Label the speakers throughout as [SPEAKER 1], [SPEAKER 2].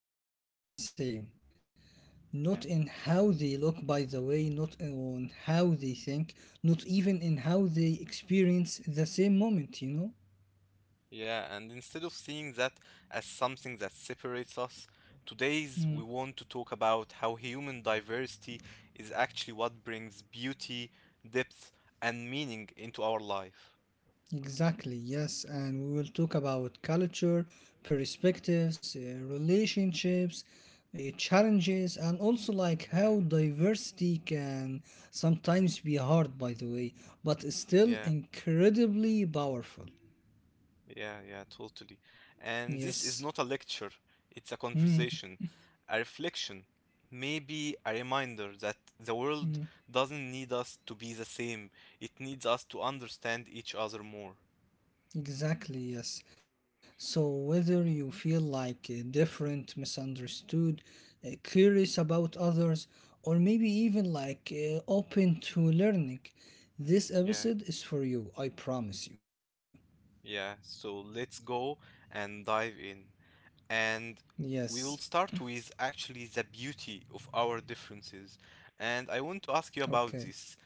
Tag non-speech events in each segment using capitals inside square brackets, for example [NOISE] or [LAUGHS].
[SPEAKER 1] two people are the same.
[SPEAKER 2] Yeah.
[SPEAKER 1] Not in how they look, by the way, not in how they think, not even in how they experience the same moment, you know?
[SPEAKER 2] Yeah, and instead of seeing that as something that separates us, today's
[SPEAKER 1] Hmm.
[SPEAKER 2] we want to talk about how human diversity is actually what brings beauty, depth, and meaning into our life.
[SPEAKER 1] Exactly, yes, and we will talk about culture, perspectives, relationships, challenges, and also like how
[SPEAKER 2] Yeah.
[SPEAKER 1] diversity can sometimes be hard, by the way, but is still
[SPEAKER 2] yeah.
[SPEAKER 1] incredibly powerful.
[SPEAKER 2] Yeah, yeah, totally. And this is
[SPEAKER 1] Yes.
[SPEAKER 2] not a lecture, it's a conversation, a reflection, maybe a reminder that the world doesn't need us to be the same, it needs us to understand each other more.
[SPEAKER 1] Exactly, yes. So, whether you feel like different, misunderstood, curious about others, or maybe even like open to learning, this
[SPEAKER 2] Yeah,
[SPEAKER 1] episode is for you, I promise you.
[SPEAKER 2] yeah, so let's go and dive in. And
[SPEAKER 1] Yes,
[SPEAKER 2] we will start with actually the beauty of our differences. And I want to ask you
[SPEAKER 1] okay.
[SPEAKER 2] about this.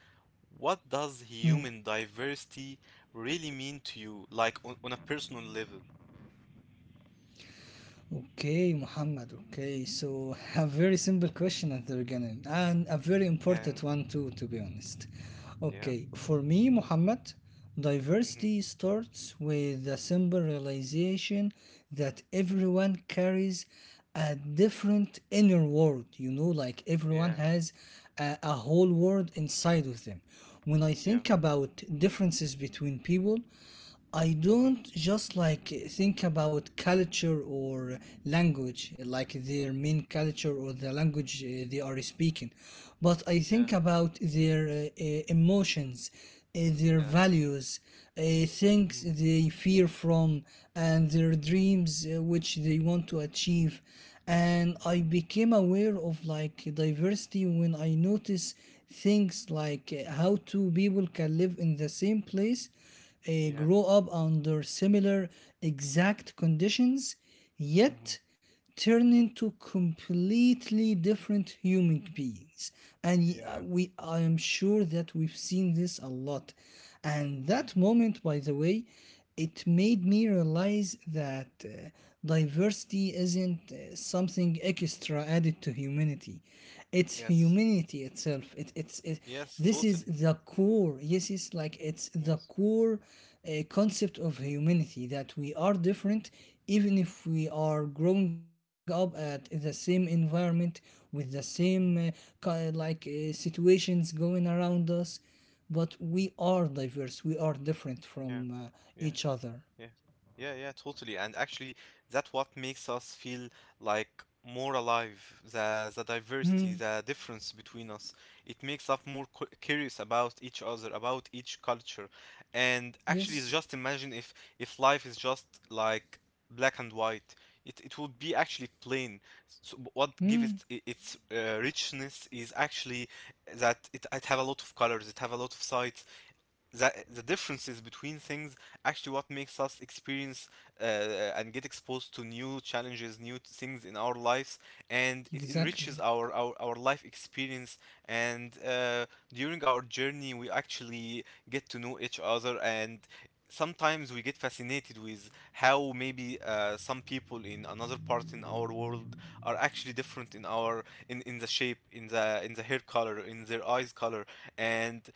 [SPEAKER 2] What does
[SPEAKER 1] Hmm.
[SPEAKER 2] human diversity really mean to you, like on a personal level?
[SPEAKER 1] Okay, Muhammad. Okay, so a very simple question at the beginning and a very
[SPEAKER 2] Yeah,
[SPEAKER 1] important one too, to be honest.
[SPEAKER 2] yeah,
[SPEAKER 1] Okay, for me, Muhammad,
[SPEAKER 2] hmm
[SPEAKER 1] diversity starts with the simple realization that everyone carries a different inner world, you know, like everyone
[SPEAKER 2] yeah,
[SPEAKER 1] has a whole world inside of them. When I think
[SPEAKER 2] yeah,
[SPEAKER 1] about differences between people, I
[SPEAKER 2] hmm
[SPEAKER 1] don't just like think about culture or language, like their main culture or the language they are speaking, but I think
[SPEAKER 2] yeah,
[SPEAKER 1] about their emotions, their
[SPEAKER 2] yeah,
[SPEAKER 1] values,
[SPEAKER 2] hmm
[SPEAKER 1] things they fear from, and their dreams which they want to achieve. And
[SPEAKER 2] yeah,
[SPEAKER 1] I became aware of like diversity when I notice things like how two people can live in the same place
[SPEAKER 2] yeah,
[SPEAKER 1] grow up under similar exact conditions,
[SPEAKER 2] hmm
[SPEAKER 1] yet turn into completely different human beings. And
[SPEAKER 2] yeah,
[SPEAKER 1] I am sure that we've seen this a lot. And
[SPEAKER 2] yeah,
[SPEAKER 1] that moment, by the way, it
[SPEAKER 2] hmm
[SPEAKER 1] made me realize that diversity isn't something extra added to humanity. It's
[SPEAKER 2] yes,
[SPEAKER 1] humanity itself.
[SPEAKER 2] yes,
[SPEAKER 1] This is
[SPEAKER 2] totally,
[SPEAKER 1] the core. Yes, it's like it's the
[SPEAKER 2] yes,
[SPEAKER 1] core concept of humanity that we are different, even if we are growing up at the same environment with the same
[SPEAKER 2] hmm
[SPEAKER 1] situations going around us, but we are diverse. We are different
[SPEAKER 2] yeah,
[SPEAKER 1] from
[SPEAKER 2] yeah.
[SPEAKER 1] each other.
[SPEAKER 2] Yeah. Yeah, yeah, totally. And actually, that what makes us feel like more alive, the diversity, the difference between us. It makes us more cu curious about each other, about each culture. And actually, just
[SPEAKER 1] Yes.
[SPEAKER 2] imagine if life is just like black and white. It would be actually plain. So what gives it
[SPEAKER 1] Hmm.
[SPEAKER 2] its richness is actually that it have a lot of colors, it have a lot of sides, the differences between things actually what makes us experience uh, uh, and get exposed to new challenges, new things in our lives, and it enriches
[SPEAKER 1] Exactly.
[SPEAKER 2] our life experience, and during our journey we actually get to know each other, and sometimes we get fascinated with how maybe some people in another part in our world are actually different in the shape, in the, in the hair color, in their eyes color, and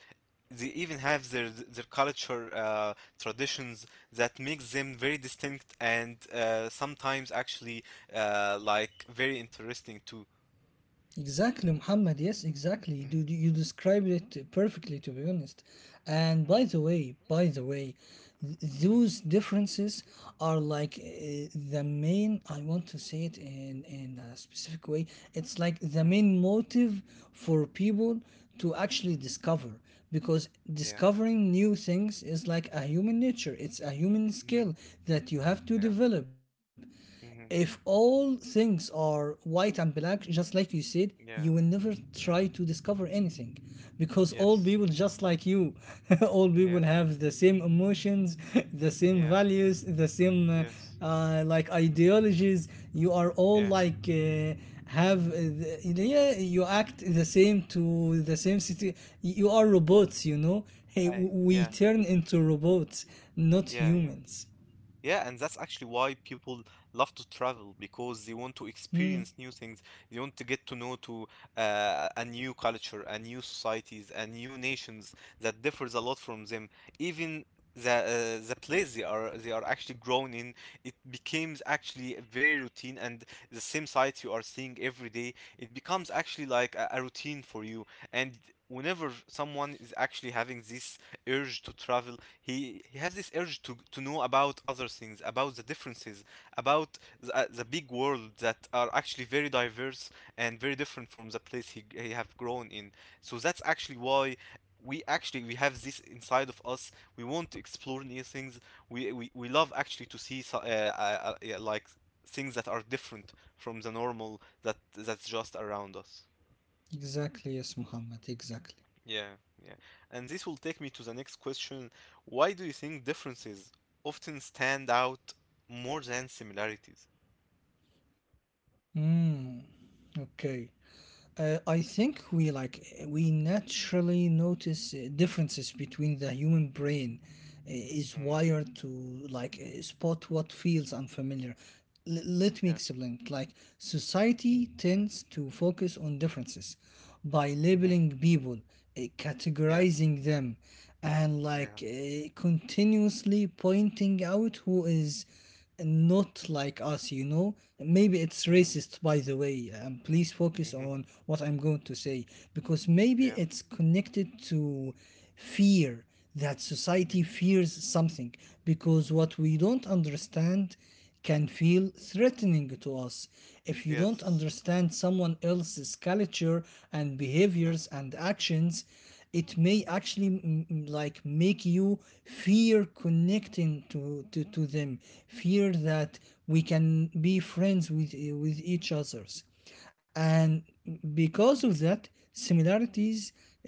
[SPEAKER 2] they even have their culture, traditions that makes them very distinct and sometimes actually like very interesting too.
[SPEAKER 1] Exactly, Muhammad. Yes, exactly.
[SPEAKER 2] Mm-hmm,
[SPEAKER 1] You described it perfectly, to be honest. And
[SPEAKER 2] mm-hmm,
[SPEAKER 1] by the way,
[SPEAKER 2] mm-hmm,
[SPEAKER 1] those differences are like the main. I want to say it in a specific way. It's like the main motive for people to actually discover because
[SPEAKER 2] mm-hmm. Yeah.
[SPEAKER 1] discovering new things is like a human nature. It's a human skill
[SPEAKER 2] Mm-hmm,
[SPEAKER 1] that you have to
[SPEAKER 2] yeah.
[SPEAKER 1] develop if
[SPEAKER 2] Mm-hmm,
[SPEAKER 1] all things are white and black, just like you said, you will
[SPEAKER 2] yeah.
[SPEAKER 1] never try
[SPEAKER 2] Yeah.
[SPEAKER 1] to discover anything because all
[SPEAKER 2] Yes.
[SPEAKER 1] people, just like you, [LAUGHS] all
[SPEAKER 2] Yeah.
[SPEAKER 1] people have the same emotions, [LAUGHS] the same
[SPEAKER 2] Yeah.
[SPEAKER 1] values, the same
[SPEAKER 2] Yes.
[SPEAKER 1] like ideologies. You are all
[SPEAKER 2] Yeah.
[SPEAKER 1] like have uh, the, yeah, you act the same to the same city. You are robots, you know.
[SPEAKER 2] I.
[SPEAKER 1] We
[SPEAKER 2] Yeah.
[SPEAKER 1] turn into robots, not
[SPEAKER 2] Yeah. Yeah.
[SPEAKER 1] humans.
[SPEAKER 2] Yeah, and that's actually why people love to travel because they want to experience new things. They want to get to know to a new culture, a new societies, a new nations that differs a lot from them. Even the the place they are actually grown in, it becomes actually very routine, and the same sight you are seeing every day, it becomes actually like a routine for you. And whenever someone is actually having this urge to travel, he has this urge to know about other things, about the differences, about the big world that are actually very diverse and very different from the place he have grown in. So that's actually why we have this inside of us, we want to explore new things, we love actually to see yeah, like things that are different from the normal that that's just around us.
[SPEAKER 1] Exactly, yes, Muhammad. Exactly.
[SPEAKER 2] Yeah, yeah. And this will take me to the next question. Why do you think differences often stand out more than similarities?
[SPEAKER 1] Okay. I think we naturally notice differences between the human brain is
[SPEAKER 2] Hmm
[SPEAKER 1] wired to like spot what feels unfamiliar. Let me
[SPEAKER 2] Yeah.
[SPEAKER 1] explain. Like society tends to focus on differences by
[SPEAKER 2] hmm
[SPEAKER 1] labeling people,
[SPEAKER 2] Yeah.
[SPEAKER 1] categorizing them, and
[SPEAKER 2] Yeah.
[SPEAKER 1] like continuously pointing out who is not like us, you know. Maybe it's
[SPEAKER 2] hmm
[SPEAKER 1] racist, by the way. Please focus
[SPEAKER 2] hmm
[SPEAKER 1] on what I'm going to say because maybe
[SPEAKER 2] Yeah.
[SPEAKER 1] it's connected to fear, that society
[SPEAKER 2] hmm
[SPEAKER 1] fears something because what we don't understand can feel threatening to us. If you don't
[SPEAKER 2] Yes.
[SPEAKER 1] understand someone else's culture and
[SPEAKER 2] Yeah.
[SPEAKER 1] behaviors and actions, it
[SPEAKER 2] mm,
[SPEAKER 1] may actually like make you fear connecting to, to them, fear that we can be friends with each others.
[SPEAKER 2] Yeah.
[SPEAKER 1] And because of that, similarities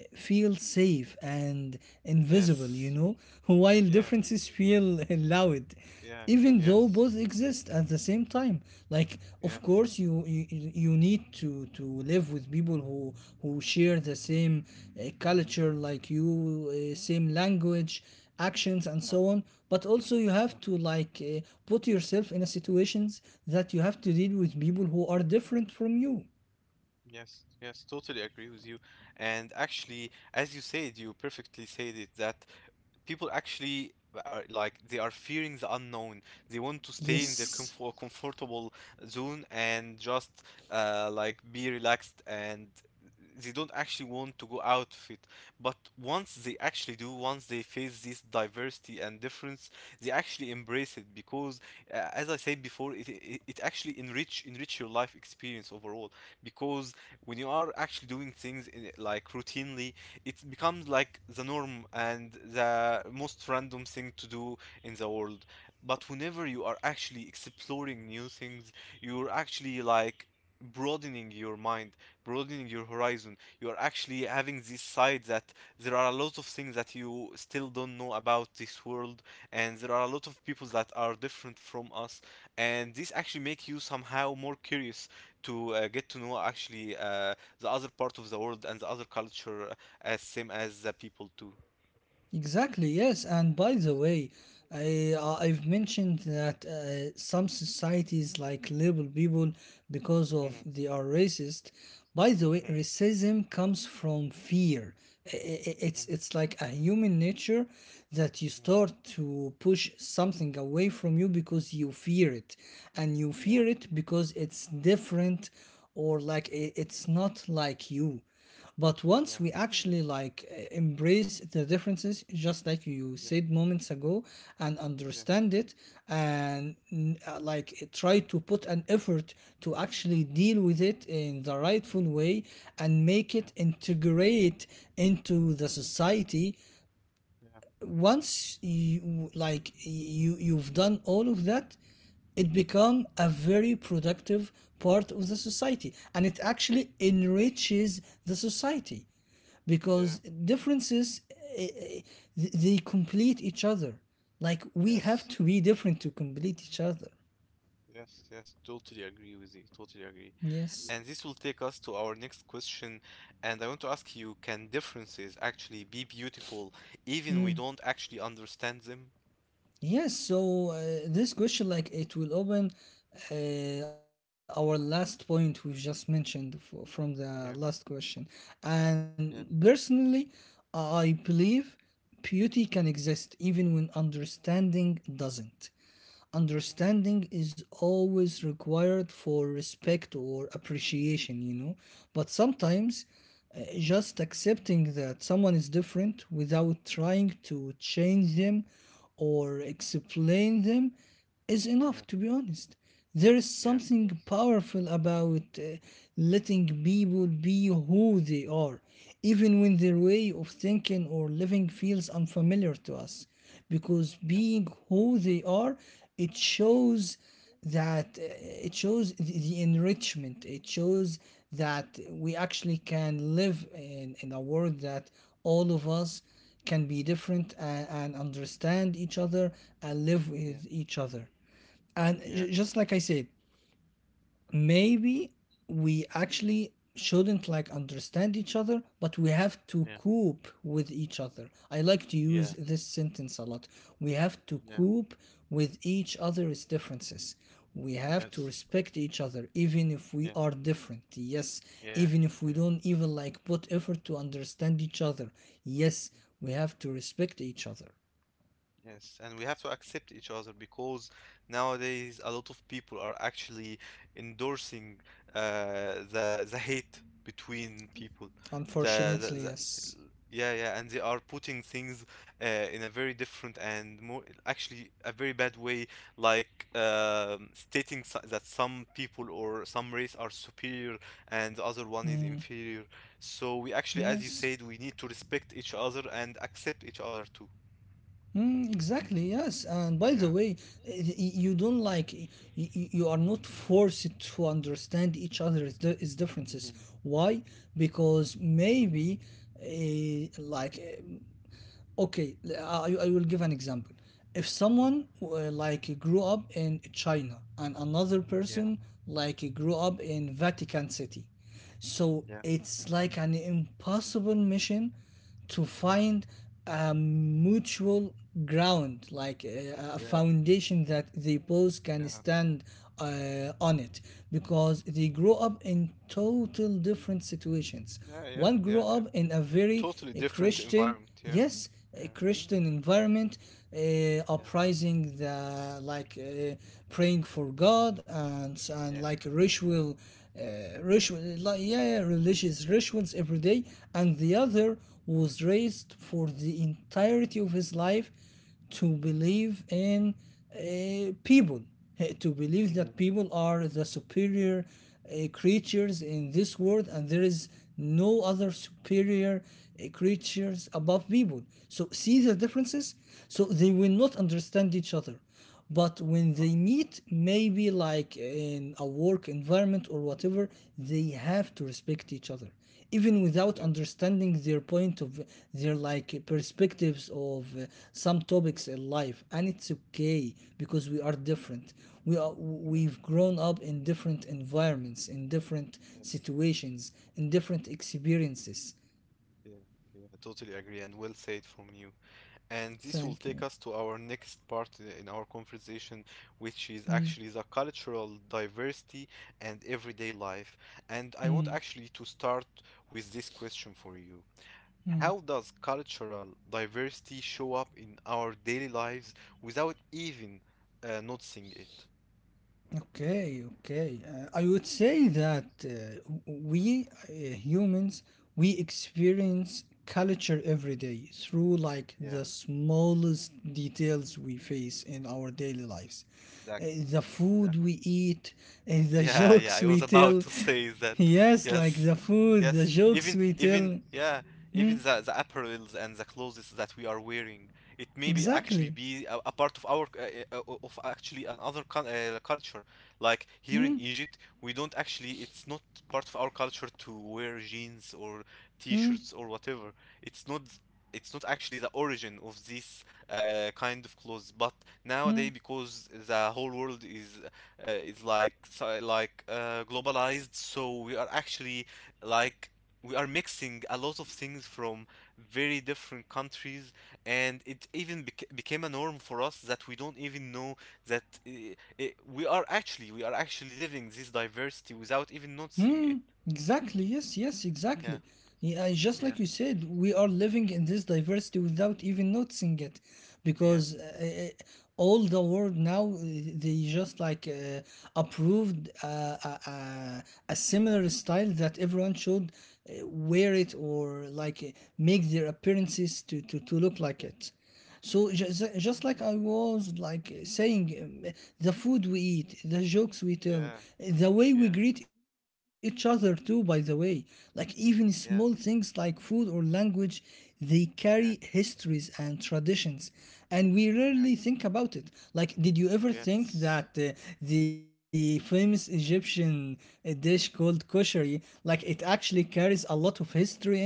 [SPEAKER 1] feel safe and invisible, you
[SPEAKER 2] Yes.
[SPEAKER 1] know, [LAUGHS] while
[SPEAKER 2] Yeah.
[SPEAKER 1] differences feel [LAUGHS] loud,
[SPEAKER 2] Yeah.
[SPEAKER 1] even though
[SPEAKER 2] Yes.
[SPEAKER 1] both exist at the same time. Like of
[SPEAKER 2] Yeah.
[SPEAKER 1] course you need to live with people who share the same culture like you, same language, actions and
[SPEAKER 2] Yeah.
[SPEAKER 1] so on. But also you have
[SPEAKER 2] Yeah.
[SPEAKER 1] to like put yourself in a situations that you have to deal with people who are different from you.
[SPEAKER 2] Yes. Yes. Totally agree with you. And actually, as you said, you perfectly said it that people actually are like they are fearing the unknown. They want to stay in their
[SPEAKER 1] Yes.
[SPEAKER 2] comfortable zone and just like be relaxed, and they don't actually want to go out of it. But once they actually do, once they face this diversity and difference, they actually embrace it because, as I said before, it actually enrich your life experience overall. Because when you are actually doing things in, like routinely, it becomes like the norm and the most random thing to do in the world. But whenever you are actually exploring new things, you're actually like broadening your mind, broadening your horizon. You are actually having this side that there are a lot of things that you still don't know about this world, and there are a lot of people that are different from us, and this actually make you somehow more curious to get to know actually the other part of the world and the other culture, as same as the people too.
[SPEAKER 1] Exactly, yes. And by the way, I've mentioned that some societies like label people because
[SPEAKER 2] Mm-hmm.
[SPEAKER 1] of they are racist. By the way,
[SPEAKER 2] Mm-hmm.
[SPEAKER 1] racism comes from fear.
[SPEAKER 2] Mm-hmm.
[SPEAKER 1] It's like a human nature that you
[SPEAKER 2] Mm-hmm.
[SPEAKER 1] start to push something away from you because you fear it, and you
[SPEAKER 2] Yeah.
[SPEAKER 1] fear it because it's different or like it's not like you. But once
[SPEAKER 2] Yeah.
[SPEAKER 1] we actually like embrace the differences, just like you
[SPEAKER 2] Yeah.
[SPEAKER 1] said moments ago, and
[SPEAKER 2] Yeah.
[SPEAKER 1] understand it, and try to put an effort to actually deal with it in the rightful way and make
[SPEAKER 2] Yeah.
[SPEAKER 1] it integrate into the society,
[SPEAKER 2] Yeah.
[SPEAKER 1] once you like you've done all of that, it
[SPEAKER 2] Mm-hmm.
[SPEAKER 1] become a very productive part of the society, and it actually
[SPEAKER 2] mm-hmm.
[SPEAKER 1] enriches the society
[SPEAKER 2] Yeah.
[SPEAKER 1] because differences eh, eh, they complete each other. Like we have
[SPEAKER 2] Yes.
[SPEAKER 1] to be different to complete each other.
[SPEAKER 2] Yes. Yes. Totally agree with you. Totally agree.
[SPEAKER 1] Yes.
[SPEAKER 2] And this will take us to our next question. And I want to ask you, can differences actually be beautiful, even we don't actually understand them?
[SPEAKER 1] Yes, so this question, like, it will open our last point we've just mentioned from the last
[SPEAKER 2] Yeah.
[SPEAKER 1] question. And
[SPEAKER 2] Yeah.
[SPEAKER 1] personally, I believe beauty can exist even when understanding doesn't.
[SPEAKER 2] hmm
[SPEAKER 1] Understanding is always required for respect or appreciation, you know. But
[SPEAKER 2] hmm
[SPEAKER 1] sometimes just accepting that someone is different without trying to change them or explain them is
[SPEAKER 2] Yeah.
[SPEAKER 1] enough, to be honest. There is
[SPEAKER 2] Yeah.
[SPEAKER 1] something powerful about letting people be who they are, even when their
[SPEAKER 2] hmm
[SPEAKER 1] way of thinking or living feels unfamiliar to us. Because
[SPEAKER 2] Yeah.
[SPEAKER 1] being who they are, it shows that it shows the enrichment, it shows that we actually can live in a world that all of us can be different and understand each other and live with each other. And
[SPEAKER 2] Yeah.
[SPEAKER 1] just like I said, maybe we actually shouldn't like understand each other, but we have to
[SPEAKER 2] Yeah.
[SPEAKER 1] cope with each other. I like to
[SPEAKER 2] Yeah. Yeah.
[SPEAKER 1] use this sentence a lot. We have to
[SPEAKER 2] Yeah.
[SPEAKER 1] cope with each other's differences. We have to
[SPEAKER 2] Yes.
[SPEAKER 1] respect each other even if we
[SPEAKER 2] Yeah.
[SPEAKER 1] are different. Yes,
[SPEAKER 2] Yeah.
[SPEAKER 1] even if we
[SPEAKER 2] Yeah.
[SPEAKER 1] don't even like put effort to understand each other. Yes, we have to respect each other.
[SPEAKER 2] Yes, and we have to accept each other because nowadays a lot of people are actually endorsing the hate between people.
[SPEAKER 1] Unfortunately,
[SPEAKER 2] The
[SPEAKER 1] yes.
[SPEAKER 2] yeah yeah, and they are putting things in a very different and more actually a very bad way, like stating that some people or some race are superior and the other one is inferior. So we actually, as you
[SPEAKER 1] Yes.
[SPEAKER 2] said, we need to respect each other and accept each other too.
[SPEAKER 1] Mm, exactly, yes. And by the
[SPEAKER 2] Yeah.
[SPEAKER 1] way, you don't like, you are not forced to understand each other's di- is differences. Why? Because maybe, uh, like, eh, okay, I will give an example. If
[SPEAKER 2] Yeah,
[SPEAKER 1] someone like grew up in China and another
[SPEAKER 2] yeah,
[SPEAKER 1] person like grew up in Vatican City, so
[SPEAKER 2] yeah,
[SPEAKER 1] it's like an impossible mission to
[SPEAKER 2] mhm,
[SPEAKER 1] find a mutual ground, like a
[SPEAKER 2] yeah,
[SPEAKER 1] foundation that they both can
[SPEAKER 2] yeah,
[SPEAKER 1] stand on it, because they grow up in total different situations.
[SPEAKER 2] yeah, yeah,
[SPEAKER 1] One grew
[SPEAKER 2] yeah, yeah.
[SPEAKER 1] up in a very
[SPEAKER 2] Totally different
[SPEAKER 1] christian
[SPEAKER 2] environment. Yeah,
[SPEAKER 1] yes
[SPEAKER 2] yeah,
[SPEAKER 1] a Christian environment,
[SPEAKER 2] yeah,
[SPEAKER 1] uprising the like praying for God and
[SPEAKER 2] yeah,
[SPEAKER 1] like ritual, uh, religious rituals every day, and the
[SPEAKER 2] yeah.
[SPEAKER 1] other was raised for the entirety of his life to
[SPEAKER 2] hmm
[SPEAKER 1] believe in people, to believe
[SPEAKER 2] hmm
[SPEAKER 1] that people are the superior creatures in this world and there is no other superior creatures above people. So, see the
[SPEAKER 2] Yeah,
[SPEAKER 1] differences? So, they will not understand each other, but when they meet maybe like in a work environment or whatever, they have to respect each other even without
[SPEAKER 2] yeah, yeah,
[SPEAKER 1] understanding their point of their like perspectives of some topics in life. And it's okay because we are different.
[SPEAKER 2] yeah.
[SPEAKER 1] We've grown up in different environments, in different
[SPEAKER 2] Yes,
[SPEAKER 1] situations, in different experiences.
[SPEAKER 2] yeah, yeah. I totally agree, and well said from you. And this will
[SPEAKER 1] Thank
[SPEAKER 2] take
[SPEAKER 1] you.
[SPEAKER 2] us to our next part in our conversation, which is actually the cultural diversity and everyday life. And I want actually to start with this question for you. How does cultural diversity show up in our daily lives without even noticing it?
[SPEAKER 1] Okay, okay. I would say that we humans, we experience culture every day through like
[SPEAKER 2] Yeah,
[SPEAKER 1] the smallest details we face in our daily lives. Uh,
[SPEAKER 2] exactly,
[SPEAKER 1] the
[SPEAKER 2] exactly.
[SPEAKER 1] food we eat, the [LAUGHS]
[SPEAKER 2] Yeah, yeah,
[SPEAKER 1] jokes
[SPEAKER 2] I
[SPEAKER 1] we
[SPEAKER 2] was about
[SPEAKER 1] tell.
[SPEAKER 2] to
[SPEAKER 1] [LAUGHS]
[SPEAKER 2] say that.
[SPEAKER 1] Yes, like
[SPEAKER 2] Yes,
[SPEAKER 1] the food, the
[SPEAKER 2] yes.
[SPEAKER 1] jokes we tell.
[SPEAKER 2] Yeah, even the apparels and the clothes that we are wearing, it may be actually
[SPEAKER 1] Exactly.
[SPEAKER 2] be a part of our of actually another con culture. Like here in
[SPEAKER 1] Hmm.
[SPEAKER 2] Egypt, we don't actually. It's not part of our culture to wear jeans or
[SPEAKER 1] Hmm.
[SPEAKER 2] t-shirts or whatever. It's not. It's not actually the origin of this kind of clothes, but
[SPEAKER 1] Hmm.
[SPEAKER 2] nowadays because the whole world is like so, like globalized, so we are actually like we are mixing a lot of things from very different countries, and it even became a norm for us that we don't even know that we are actually living this diversity without even noticing it.
[SPEAKER 1] Mm, exactly. Yes, yes,
[SPEAKER 2] Yeah
[SPEAKER 1] exactly. Yeah, just
[SPEAKER 2] yeah
[SPEAKER 1] like you said, we are living in this diversity without even noticing it,
[SPEAKER 2] yeah
[SPEAKER 1] because all the world now they just like approved a similar style that everyone should wear it or like make their appearances to, to look like
[SPEAKER 2] yeah
[SPEAKER 1] it. So
[SPEAKER 2] yeah
[SPEAKER 1] just like I was like saying, the food we eat, the jokes we tell,
[SPEAKER 2] yeah
[SPEAKER 1] the way we
[SPEAKER 2] yeah
[SPEAKER 1] greet each other too. By the way, like even small things
[SPEAKER 2] yeah
[SPEAKER 1] like food or language, they carry
[SPEAKER 2] yeah,
[SPEAKER 1] histories and traditions, and we rarely
[SPEAKER 2] yeah,
[SPEAKER 1] think about it. Like, did you ever think
[SPEAKER 2] yes,
[SPEAKER 1] that the famous Egyptian dish called koshari, like it actually carries a lot of history in it?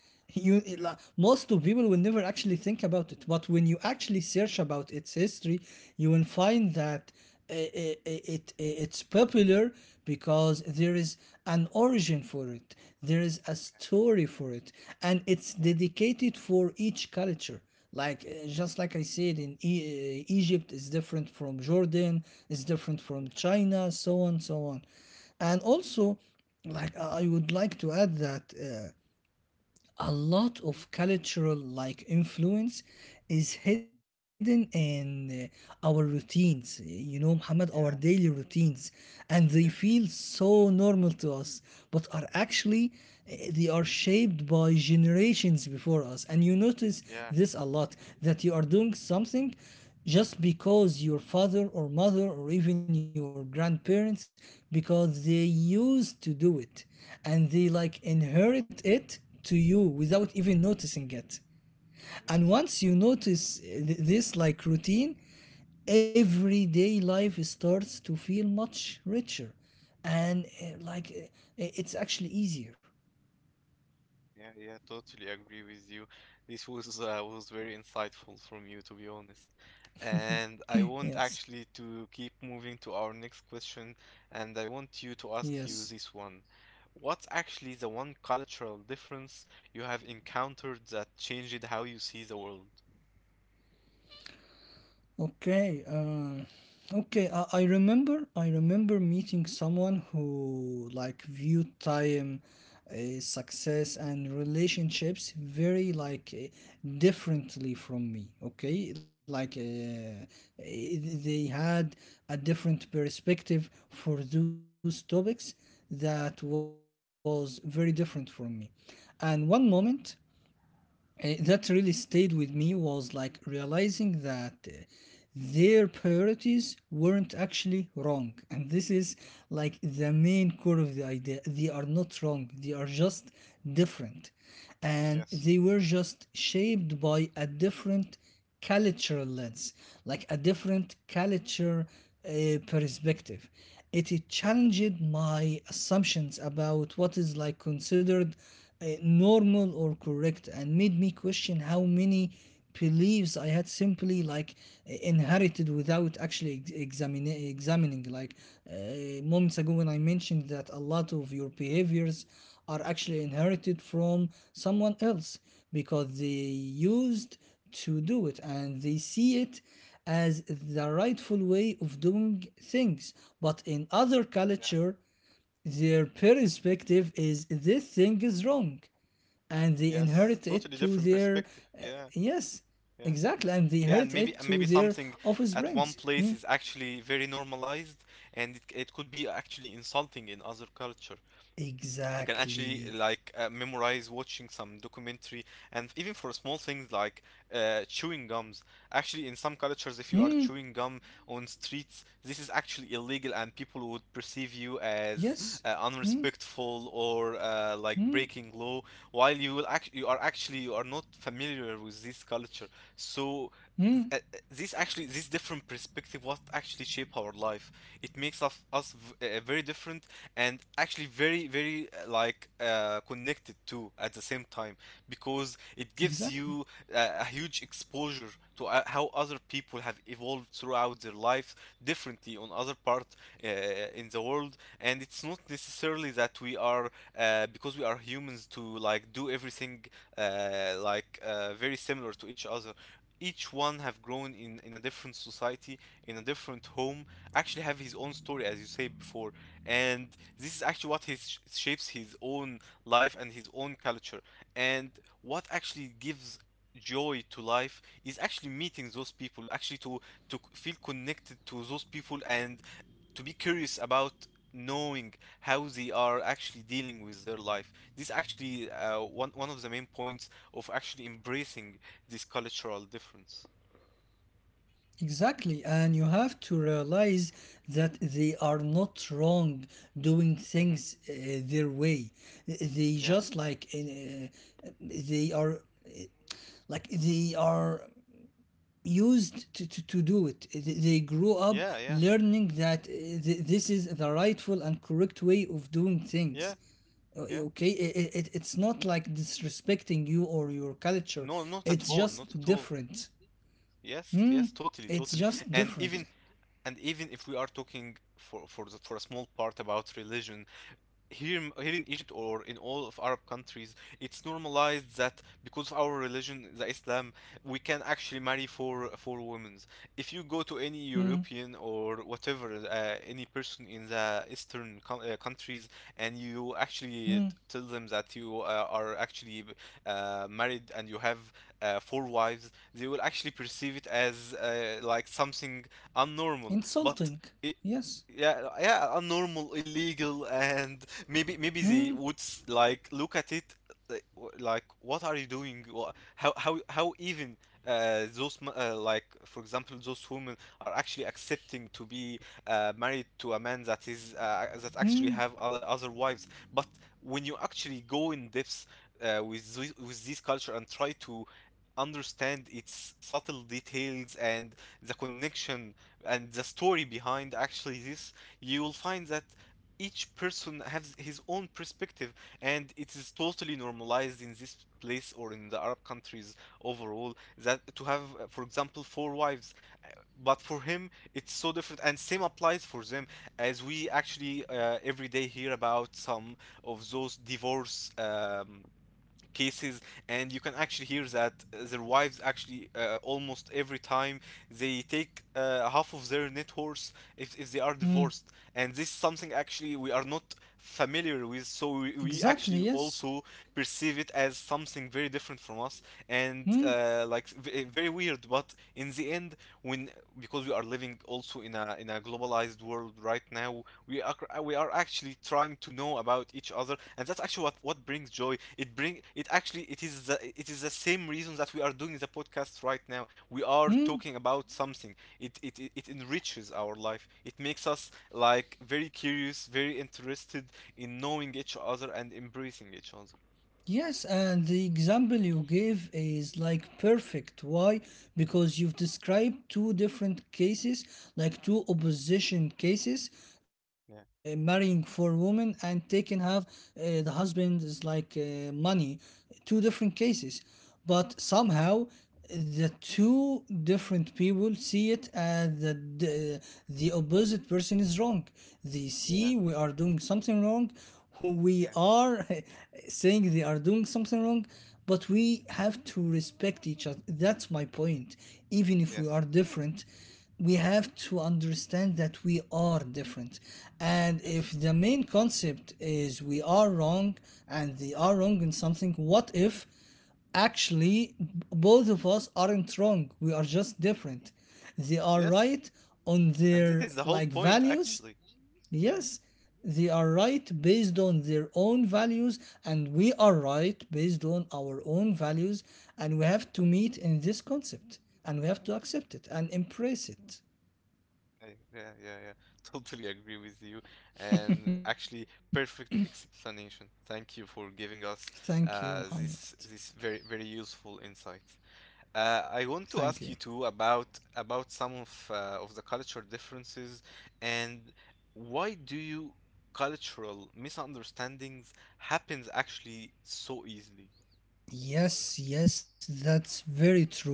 [SPEAKER 1] [LAUGHS] you It, like,
[SPEAKER 2] yeah, yeah,
[SPEAKER 1] most of people will never actually think about it. But when you actually search about its history, you will find that uh, it, it's popular because there is an origin for it. There is a story for it, and it's
[SPEAKER 2] yeah, yeah,
[SPEAKER 1] dedicated for each culture. Like, just like I said, in Egypt is different from Jordan, is different from
[SPEAKER 2] yeah,
[SPEAKER 1] China, so on so on. And also, like I would like to add that a lot of cultural, like, influence is hidden in our routines, you know, Muhammad, our daily
[SPEAKER 2] yeah,
[SPEAKER 1] routines. And they
[SPEAKER 2] yeah,
[SPEAKER 1] feel
[SPEAKER 2] yeah,
[SPEAKER 1] so normal to us, but are
[SPEAKER 2] yeah,
[SPEAKER 1] actually they are shaped by generations before us. And you notice
[SPEAKER 2] yeah,
[SPEAKER 1] this a lot, that you are doing something just because your father or mother or even your grandparents, because they used to do it, and they like inherit it to you without even noticing it. And
[SPEAKER 2] Yes.
[SPEAKER 1] once you notice this, like, routine, everyday life starts to feel much richer. And
[SPEAKER 2] Yeah,
[SPEAKER 1] it's actually easier.
[SPEAKER 2] yeah, yeah, totally agree with you. This was very insightful from you, to be honest. And I want
[SPEAKER 1] Yes,
[SPEAKER 2] actually to keep moving to our next question, and I want you to ask
[SPEAKER 1] yes.
[SPEAKER 2] you this one. What's actually the one cultural difference you have encountered that changed how you see the world?
[SPEAKER 1] Okay, okay. I remember. I remember meeting someone who, like, viewed time, success, and relationships very, like, differently from me. Okay, like, they had a different perspective for those topics that was very different from me. And one moment, that really stayed with me, was like realizing that their priorities weren't actually wrong. And this is, like, the main core of the idea: they are not wrong, they are just different, and they
[SPEAKER 2] Yes.
[SPEAKER 1] were just shaped by a different cultural lens, like a
[SPEAKER 2] Yeah.
[SPEAKER 1] different culture perspective. It
[SPEAKER 2] Yes.
[SPEAKER 1] challenged my assumptions about what is, like, considered normal or correct, and made me question how many beliefs I had simply, like, inherited without actually examining. Like, moments ago, when I mentioned that a lot of your behaviors are actually inherited from someone else, because they used to do it and they see it as the rightful way of doing things. But in other
[SPEAKER 2] Yeah.
[SPEAKER 1] culture, their
[SPEAKER 2] Mhm.
[SPEAKER 1] perspective is this thing is wrong, and they
[SPEAKER 2] Yes.
[SPEAKER 1] inherit
[SPEAKER 2] Totally
[SPEAKER 1] it
[SPEAKER 2] different
[SPEAKER 1] to
[SPEAKER 2] perspective.
[SPEAKER 1] their uh,
[SPEAKER 2] Yeah.
[SPEAKER 1] yes,
[SPEAKER 2] Yeah.
[SPEAKER 1] exactly, and
[SPEAKER 2] Yeah, and
[SPEAKER 1] they
[SPEAKER 2] maybe
[SPEAKER 1] inherit
[SPEAKER 2] and maybe
[SPEAKER 1] it to
[SPEAKER 2] something
[SPEAKER 1] their
[SPEAKER 2] at one
[SPEAKER 1] offspring.
[SPEAKER 2] place is
[SPEAKER 1] Hmm,
[SPEAKER 2] actually very normalized, and it could be actually insulting in other culture. I can actually like
[SPEAKER 1] exactly.
[SPEAKER 2] memorize watching some documentary, and even for small things like chewing gums. Actually, in some cultures, if you are chewing gum
[SPEAKER 1] Hmm,
[SPEAKER 2] on streets, this is actually illegal and people would perceive you as
[SPEAKER 1] yes. Hmm,
[SPEAKER 2] unrespectful or like
[SPEAKER 1] hmm,
[SPEAKER 2] breaking law. While you will act, you are actually you are not familiar with this culture, so. th- uh, uh,
[SPEAKER 1] hmm,
[SPEAKER 2] This actually, this different perspective, what actually shape our life. It makes us very different, and actually very very like connected to at the same time, because it gives you
[SPEAKER 1] exactly.
[SPEAKER 2] a huge exposure to how other people have evolved throughout their lives differently on other part uh, in the world, and it's not necessarily that we are because we are humans to like do everything like very similar to each other. Each one have grown in a different society, in a different home, actually have his own story as you say before, and this is actually what his shapes his own life and his own culture, and what actually gives joy to life is actually meeting those people actually to feel connected to those people and to be curious about knowing how they are actually dealing with their life. This actually one of the main points of actually embracing this cultural difference.
[SPEAKER 1] Exactly, and you have to realize that they are not wrong doing
[SPEAKER 2] Hmm
[SPEAKER 1] things their way. They
[SPEAKER 2] Yeah,
[SPEAKER 1] just, like, they are, like, they are used to do it. They grew up
[SPEAKER 2] yeah, yeah,
[SPEAKER 1] learning that this is the rightful and correct way of doing
[SPEAKER 2] yeah,
[SPEAKER 1] things.
[SPEAKER 2] yeah.
[SPEAKER 1] Okay, it's not like disrespecting you or your culture.
[SPEAKER 2] No, not at
[SPEAKER 1] It's
[SPEAKER 2] all, not at
[SPEAKER 1] just
[SPEAKER 2] all.
[SPEAKER 1] different.
[SPEAKER 2] Yes, yes, totally,
[SPEAKER 1] It's
[SPEAKER 2] totally.
[SPEAKER 1] just
[SPEAKER 2] And
[SPEAKER 1] different.
[SPEAKER 2] even and even if we are talking for a small part about religion, here in Egypt or in all of Arab countries, it's normalized that because of our religion, the Islam, we can actually marry four women. If you go to any
[SPEAKER 1] Hmm.
[SPEAKER 2] European or whatever, any person in the Eastern co countries, and you
[SPEAKER 1] Hmm.
[SPEAKER 2] actually tell them that you are actually married and you have four wives, they will actually perceive it as like something unnormal. But
[SPEAKER 1] Insulting.
[SPEAKER 2] I
[SPEAKER 1] Yes.
[SPEAKER 2] yeah, yeah, a normal illegal and maybe they would
[SPEAKER 1] Hmm.
[SPEAKER 2] like look at it, like what are you doing? How how even like for example those women are actually accepting to be married to a man that is that actually have
[SPEAKER 1] Hmm.
[SPEAKER 2] other wives. But when you actually go in depth with this culture and try to understand its subtle details and the connection and the story behind actually this, you will find that each person has his own perspective, and it is totally normalized in this place or in the Arab countries overall that to have, for example, four wives. Uh, but for him it's so different, and same applies for them, as we actually every day hear about some of those divorce cases. And you can actually hear that their wives actually almost every time they take half of their net worth if they are
[SPEAKER 1] Hmm.
[SPEAKER 2] divorced. And this is something actually we are not familiar with, so we actually
[SPEAKER 1] Exactly.
[SPEAKER 2] also
[SPEAKER 1] Yes.
[SPEAKER 2] perceive it as something very different from us, and
[SPEAKER 1] Hmm.
[SPEAKER 2] very weird. But in the end, when, because we are living also in a globalized world right now, we are, we are actually trying to know about each other, and that's actually what brings joy. It actually, it is it is the same reason that we are doing the podcast right now. We are
[SPEAKER 1] Hmm.
[SPEAKER 2] talking about something. It enriches our life, it makes us like very curious, very interested in knowing each other and embracing each other.
[SPEAKER 1] Yes. And the example you gave is, like, perfect. Why?
[SPEAKER 2] Mhm.
[SPEAKER 1] Because you've described two different cases, like two opposition cases,
[SPEAKER 2] Yeah,
[SPEAKER 1] marrying for women and taking half. The husband is, like, money, two different cases, but
[SPEAKER 2] yeah,
[SPEAKER 1] somehow the two different people see it as that the opposite person is wrong. They see
[SPEAKER 2] yeah,
[SPEAKER 1] we are doing something wrong, who we
[SPEAKER 2] yeah,
[SPEAKER 1] are [LAUGHS] saying they are doing something wrong. But we have to respect each other, that's my
[SPEAKER 2] yeah.
[SPEAKER 1] point. Even if we
[SPEAKER 2] Yes,
[SPEAKER 1] are different, we have to understand that we are different. And if
[SPEAKER 2] yes,
[SPEAKER 1] the main concept is we are wrong and they are wrong in something, what if actually both of us aren't wrong, we are just
[SPEAKER 2] yeah,
[SPEAKER 1] different? They are
[SPEAKER 2] yes. Yes,
[SPEAKER 1] right on
[SPEAKER 2] and this
[SPEAKER 1] their,
[SPEAKER 2] is the whole
[SPEAKER 1] like,
[SPEAKER 2] point
[SPEAKER 1] values.
[SPEAKER 2] actually. Yeah.
[SPEAKER 1] Yes, they are right based on their own values, and we are right based on our own values. And we have to meet in this concept, and we have to accept it and embrace it.
[SPEAKER 2] I, yeah, yeah, yeah. [LAUGHS] Totally agree with you. And actually, perfect explanation. Thank you for giving
[SPEAKER 1] Thank
[SPEAKER 2] us
[SPEAKER 1] you,
[SPEAKER 2] uh,
[SPEAKER 1] Muhammad.
[SPEAKER 2] this this very very useful insight.
[SPEAKER 1] Thank
[SPEAKER 2] I
[SPEAKER 1] you.
[SPEAKER 2] want to ask you too about some of the culture differences, and why do you, cultural misunderstandings happens actually so easily?
[SPEAKER 1] Yes, yes, that's very true.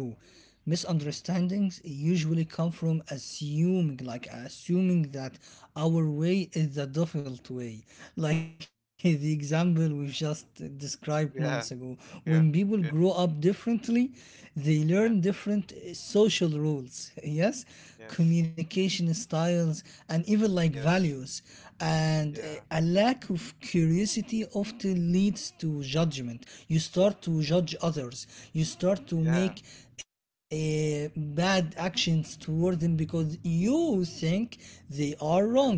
[SPEAKER 2] Hmm.
[SPEAKER 1] Misunderstandings usually come from assuming, like assuming that our way is the default way. Like, [LAUGHS] the example we've just described
[SPEAKER 2] Yeah,
[SPEAKER 1] moments ago.
[SPEAKER 2] yeah,
[SPEAKER 1] When people
[SPEAKER 2] yeah,
[SPEAKER 1] grow up differently, they
[SPEAKER 2] yeah.
[SPEAKER 1] learn different social rules, [LAUGHS] yes,
[SPEAKER 2] Yes,
[SPEAKER 1] communication styles, and even, like,
[SPEAKER 2] yes,
[SPEAKER 1] values. And
[SPEAKER 2] yeah,
[SPEAKER 1] a lack of curiosity often leads to judgment. You start to
[SPEAKER 2] yeah,
[SPEAKER 1] judge others, you start to
[SPEAKER 2] yeah,
[SPEAKER 1] make bad actions toward them because you think they are wrong,
[SPEAKER 2] yeah.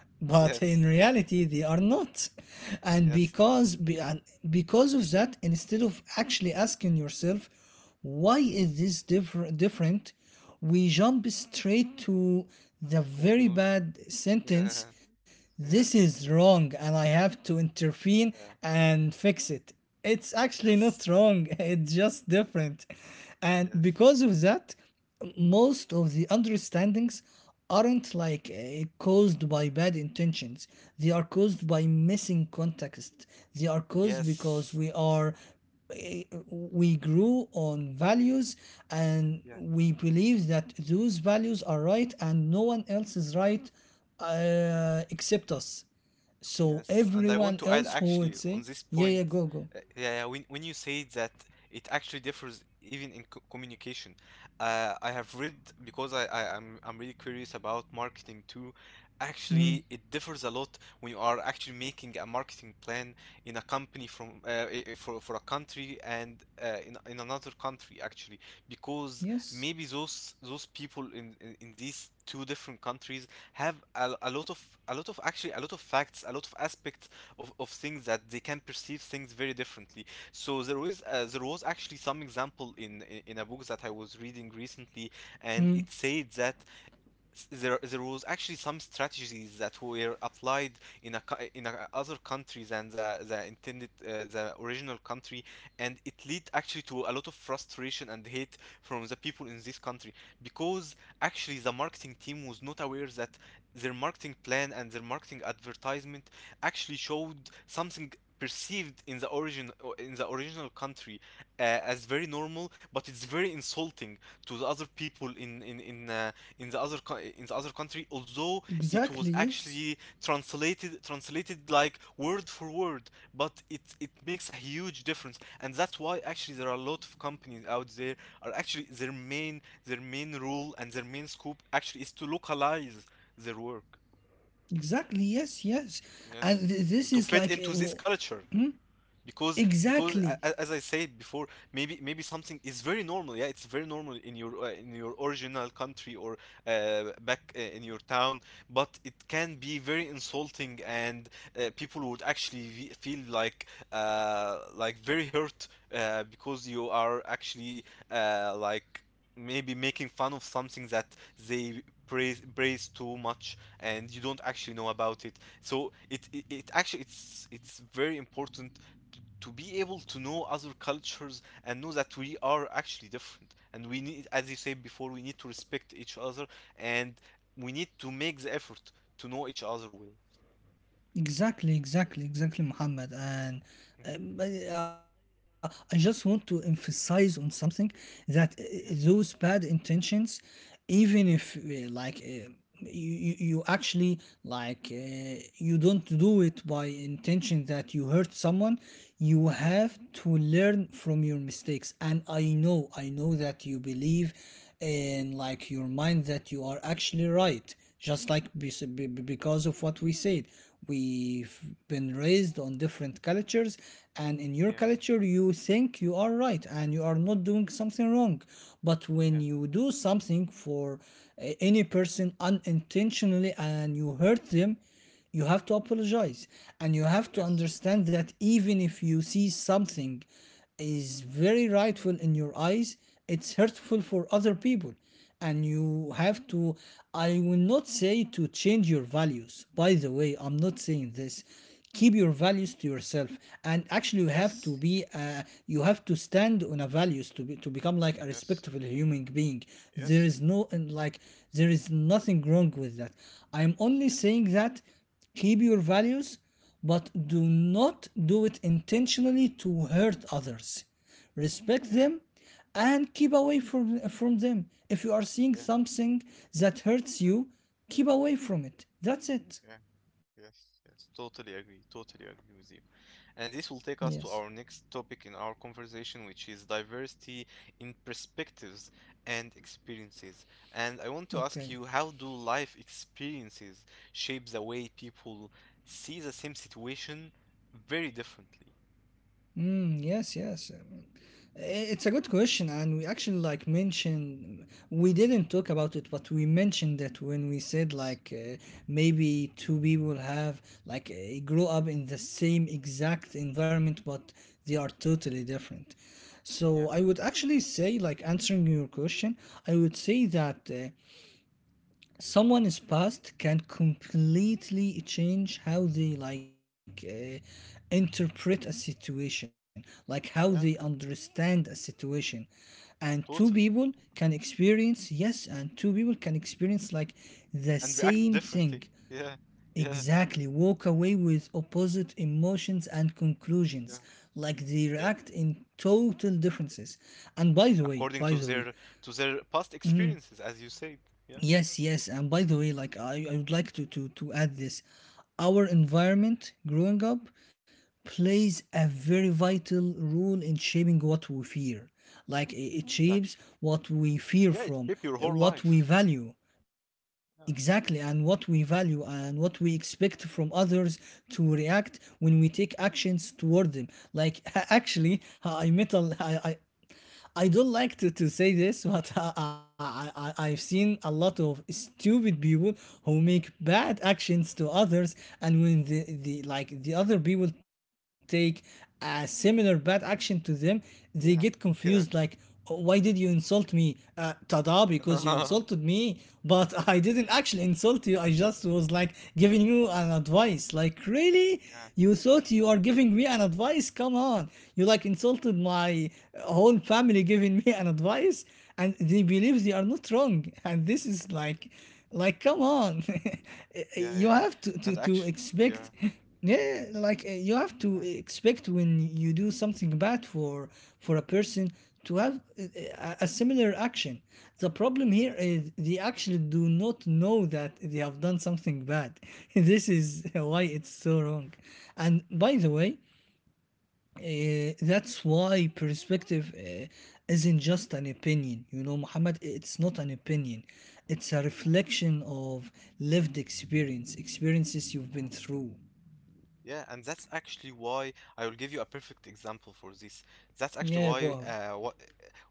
[SPEAKER 1] but in
[SPEAKER 2] Yes.
[SPEAKER 1] reality they are not. And
[SPEAKER 2] Yes.
[SPEAKER 1] and because of that, instead of actually asking yourself, why is this different? We jump straight to the very
[SPEAKER 2] Conclusion.
[SPEAKER 1] bad
[SPEAKER 2] [LAUGHS] Yeah. Mhm.
[SPEAKER 1] sentence. This
[SPEAKER 2] Yeah.
[SPEAKER 1] is wrong, and I have to intervene
[SPEAKER 2] Yeah.
[SPEAKER 1] and fix it. It's actually not
[SPEAKER 2] Yes.
[SPEAKER 1] wrong, [LAUGHS] it's just
[SPEAKER 2] Yes.
[SPEAKER 1] different. And
[SPEAKER 2] Yes.
[SPEAKER 1] because of that, most of the understandings aren't, like, caused by bad intentions, they are caused
[SPEAKER 2] Yes.
[SPEAKER 1] by missing context, they are caused because
[SPEAKER 2] Yes.
[SPEAKER 1] we are, eh, we grew on values, and
[SPEAKER 2] Yeah.
[SPEAKER 1] we believe that those values are right and no one else is right,
[SPEAKER 2] Yeah.
[SPEAKER 1] except us. So
[SPEAKER 2] Yes, and I want
[SPEAKER 1] everyone
[SPEAKER 2] to add
[SPEAKER 1] else who would
[SPEAKER 2] actually on
[SPEAKER 1] say,
[SPEAKER 2] this
[SPEAKER 1] yeah,
[SPEAKER 2] point,
[SPEAKER 1] yeah, go, go.
[SPEAKER 2] yeah, yeah, when you say that, it actually differs even in co communication. I have read, because I'm really curious about marketing too.
[SPEAKER 1] Mm,
[SPEAKER 2] Actually, it differs a lot when you are actually making a marketing plan in a company from for a country and in another country actually, because
[SPEAKER 1] yes.
[SPEAKER 2] maybe those people in these two different countries have a lot of, a lot of actually, a lot of facts, a lot of aspects of things, that they can perceive things very differently. So there was actually some example in a book that I was reading recently, and it
[SPEAKER 1] Mm,
[SPEAKER 2] said that, there there was actually some strategies that were applied in a in a other country than the intended, the original country, and it led actually to a lot of frustration and hate from the people in this country, because actually the marketing team was not aware that their marketing plan and their marketing advertisement actually showed something perceived in the origin, in the original country, as very normal, but it's very insulting to the other people in the other in the other country, although it was
[SPEAKER 1] exactly, yes.
[SPEAKER 2] actually translated like word for word. But it makes a huge difference, and that's why actually there are a lot of companies out there are actually their main, their main rule and their main scope actually is to localize their work.
[SPEAKER 1] Exactly. Yes. Yes.
[SPEAKER 2] Yes,
[SPEAKER 1] And this
[SPEAKER 2] to
[SPEAKER 1] is,
[SPEAKER 2] fit
[SPEAKER 1] like,
[SPEAKER 2] into this culture, because
[SPEAKER 1] exactly.
[SPEAKER 2] as I said before, maybe something is very normal. Yeah, it's very normal in your original country or back in your town, but it can be very insulting, and people would actually feel like very hurt, because you are actually like maybe making fun of something that they praise too much and you don't actually know about it. So it actually, it's very important to be able to know other cultures and know that we are actually different, and we need, as you said before, we need to respect each other, and we need to make the effort to know each other well.
[SPEAKER 1] Exactly, exactly, exactly, Muhammad. And
[SPEAKER 2] Mhm.
[SPEAKER 1] I just want to emphasize on something that those
[SPEAKER 2] Yeah.
[SPEAKER 1] bad intentions, even if
[SPEAKER 2] Mhm.
[SPEAKER 1] like, you actually, like, you don't do it by intention that you hurt someone, you
[SPEAKER 2] Yeah.
[SPEAKER 1] have to learn from your mistakes. And I know that you believe in, like, your mind that you are actually right, just like because of what we said, we've been raised on different cultures, and in your
[SPEAKER 2] Yeah.
[SPEAKER 1] culture you think you are right and you are not doing something wrong. But
[SPEAKER 2] Yeah.
[SPEAKER 1] when you do something for any person unintentionally and you hurt them, you have to apologize. And you have to understand that even if you see something is very rightful in your eyes, it's hurtful for other people, and you have to, I will not say to change your values, by the way, I'm not saying this. Keep your values to yourself. And actually you have to be, you have to stand on a values to become, like, a respectable human being. There is no, and, like, there is nothing wrong with that. I'm only saying that keep your values, but do not do it intentionally to hurt others. Respect them, and keep away from them. If you are seeing something that hurts you, keep away from it, that's it.
[SPEAKER 2] Yes, yes, totally agree. Totally agree with you. And this will
[SPEAKER 1] Yes,
[SPEAKER 2] take us to our next topic in our conversation, which is diversity in perspectives and experiences. And I want to
[SPEAKER 1] okay.
[SPEAKER 2] ask you, how do life experiences shape the way people see the same situation very differently?
[SPEAKER 1] Mm, yes, yes. I- It's a good question, and we actually, like, mentioned we didn't talk about it, but we mentioned that when we said, like, maybe two people have, like, grow up in the same exact environment, but they are totally different. So I would actually say, like answering your question, I would say that someone's past can completely change how they, like, interpret a situation, like how they understand a situation. And two people
[SPEAKER 2] Totally.
[SPEAKER 1] can experience, yes, and two people can experience, like, the
[SPEAKER 2] And
[SPEAKER 1] same
[SPEAKER 2] react
[SPEAKER 1] thing,
[SPEAKER 2] differently. Yeah, yeah,
[SPEAKER 1] exactly, walk away with opposite emotions and
[SPEAKER 2] yeah,
[SPEAKER 1] conclusions, like they
[SPEAKER 2] yeah.
[SPEAKER 1] react in total differences. And by the way
[SPEAKER 2] According to
[SPEAKER 1] by the
[SPEAKER 2] their,
[SPEAKER 1] way
[SPEAKER 2] to their past experiences, as you said.
[SPEAKER 1] Yes, yes. And by the way, like, I would like to add this. Our environment growing up plays a very vital role in shaping what we fear. Like, it shapes
[SPEAKER 2] Exactly.
[SPEAKER 1] what we fear
[SPEAKER 2] Yeah, it
[SPEAKER 1] from,
[SPEAKER 2] shaped your whole
[SPEAKER 1] what
[SPEAKER 2] life.
[SPEAKER 1] we value. Exactly, and what we value and what we expect from others to react when we take actions toward them. Like, [LAUGHS] actually, I met I don't like to say this, but [LAUGHS] I've seen a lot of stupid people who make bad actions to others, and when the like the other people take a similar bad action to them, they get
[SPEAKER 2] Yeah.
[SPEAKER 1] confused like, "Oh, why did you insult me? Tada, because you
[SPEAKER 2] [LAUGHS]
[SPEAKER 1] insulted me, but [LAUGHS] I didn't actually insult you. I just was, like, giving you an advice. Like, really?
[SPEAKER 2] Yeah,
[SPEAKER 1] You thought you are giving me an advice? Come on. You, like, insulted my whole family giving me an advice, and they believe they are not wrong. And this is, like, come on." [LAUGHS]
[SPEAKER 2] yeah,
[SPEAKER 1] You
[SPEAKER 2] yeah.
[SPEAKER 1] have to,
[SPEAKER 2] And
[SPEAKER 1] to, to
[SPEAKER 2] actually, yeah.
[SPEAKER 1] expect, yeah, like, you have to expect, when you do something bad for a person, to have a similar action. The problem here is they actually do not know that they have done something bad. [LAUGHS] This is why it's so wrong. And by the way, that's why perspective isn't just an opinion. You know, Muhammad, it's not an opinion. It's a reflection of lived experience, experiences you've been through.
[SPEAKER 2] Yeah, and that's actually why I will give you a perfect example for this. That's actually
[SPEAKER 1] Yeah, go
[SPEAKER 2] why,
[SPEAKER 1] on.
[SPEAKER 2] what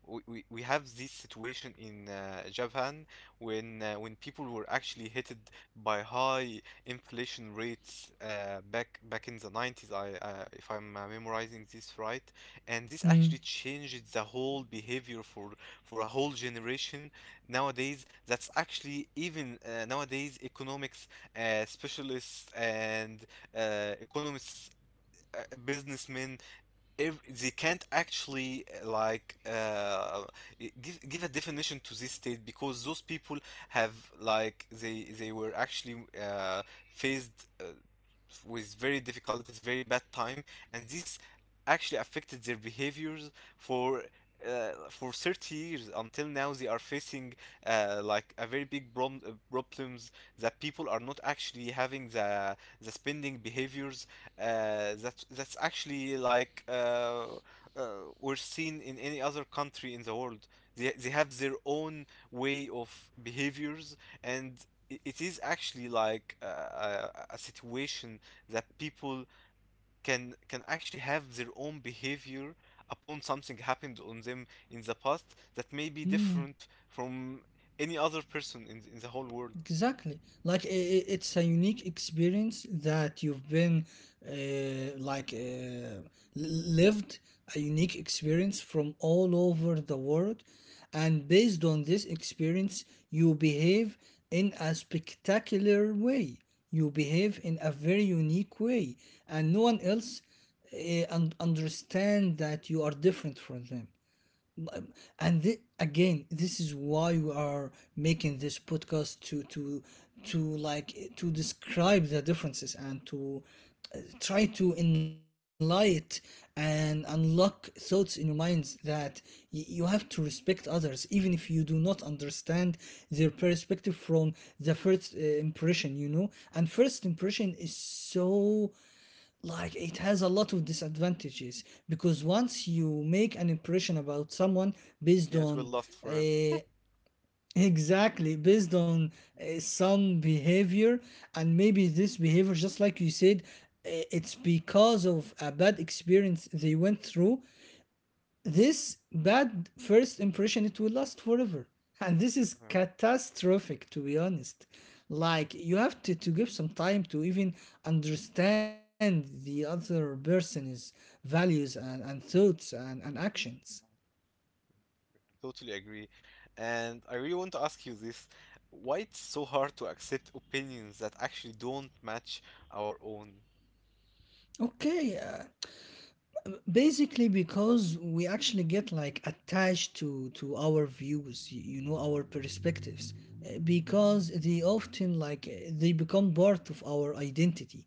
[SPEAKER 2] we we have this situation in Japan, when people were actually hit by high inflation rates back in the 90s, I if I'm memorizing this right. And this
[SPEAKER 1] Hmm.
[SPEAKER 2] actually changed the whole behavior for a whole generation. Nowadays, that's actually even nowadays economics specialists and economists, businessmen. Ev They can't actually give a definition to this state, because those people have, like they were actually uh, faced uh, with very difficult, it's very bad time, and this actually affected their behaviors for for 30 years. Until now they are facing like a very big problem, problems that people are not actually having the spending behaviors that that's actually uh, were seen in any other country in the world. They have their own way of behaviors, and it is actually a, a situation that people can actually have their own behavior upon something happened on them in the past, that may be different from any other person in the whole world.
[SPEAKER 1] Exactly. Like, it's a unique experience that you've been, like, lived a unique experience from all over the world, and based on this experience you behave in a spectacular way. You behave in a very unique way, and no one else understand that you are different from them. Um, again, this is why we are making this podcast to like to describe the differences and to try to enlighten and unlock thoughts in your minds that you have to respect others even if you do not understand their perspective from the first impression. And first impression is so like it has a lot of disadvantages, because once you make an impression about someone based
[SPEAKER 2] Yeah, it will
[SPEAKER 1] on
[SPEAKER 2] last forever.
[SPEAKER 1] uh, exactly, based on some behavior. And maybe this behavior, just like you said, it's because of a bad experience they went through. This bad first impression, it will last forever, and this is catastrophic, to be honest. Like, you have to give some time to even understand the other person's values and thoughts and actions.
[SPEAKER 2] Totally agree. And I really want to ask you this. Why it's so hard to accept opinions that actually don't match our own?
[SPEAKER 1] Okay. Basically, because we actually get like attached to our views, you know, our perspectives, because they often, like, they become part of our identity,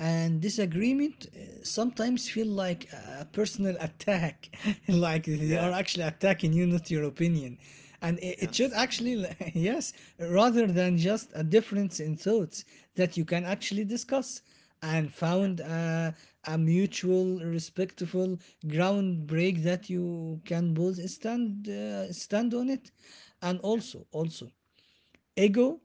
[SPEAKER 1] and disagreement sometimes feel like a personal attack [LAUGHS] like they are
[SPEAKER 2] Yeah,
[SPEAKER 1] actually attacking you, not your opinion. And it should
[SPEAKER 2] yes,
[SPEAKER 1] actually [LAUGHS] yes, rather than just a difference in thoughts that you can actually discuss and
[SPEAKER 2] yeah,
[SPEAKER 1] found a mutual respectful ground break that you can both stand stand on it. And
[SPEAKER 2] yeah,
[SPEAKER 1] also ego.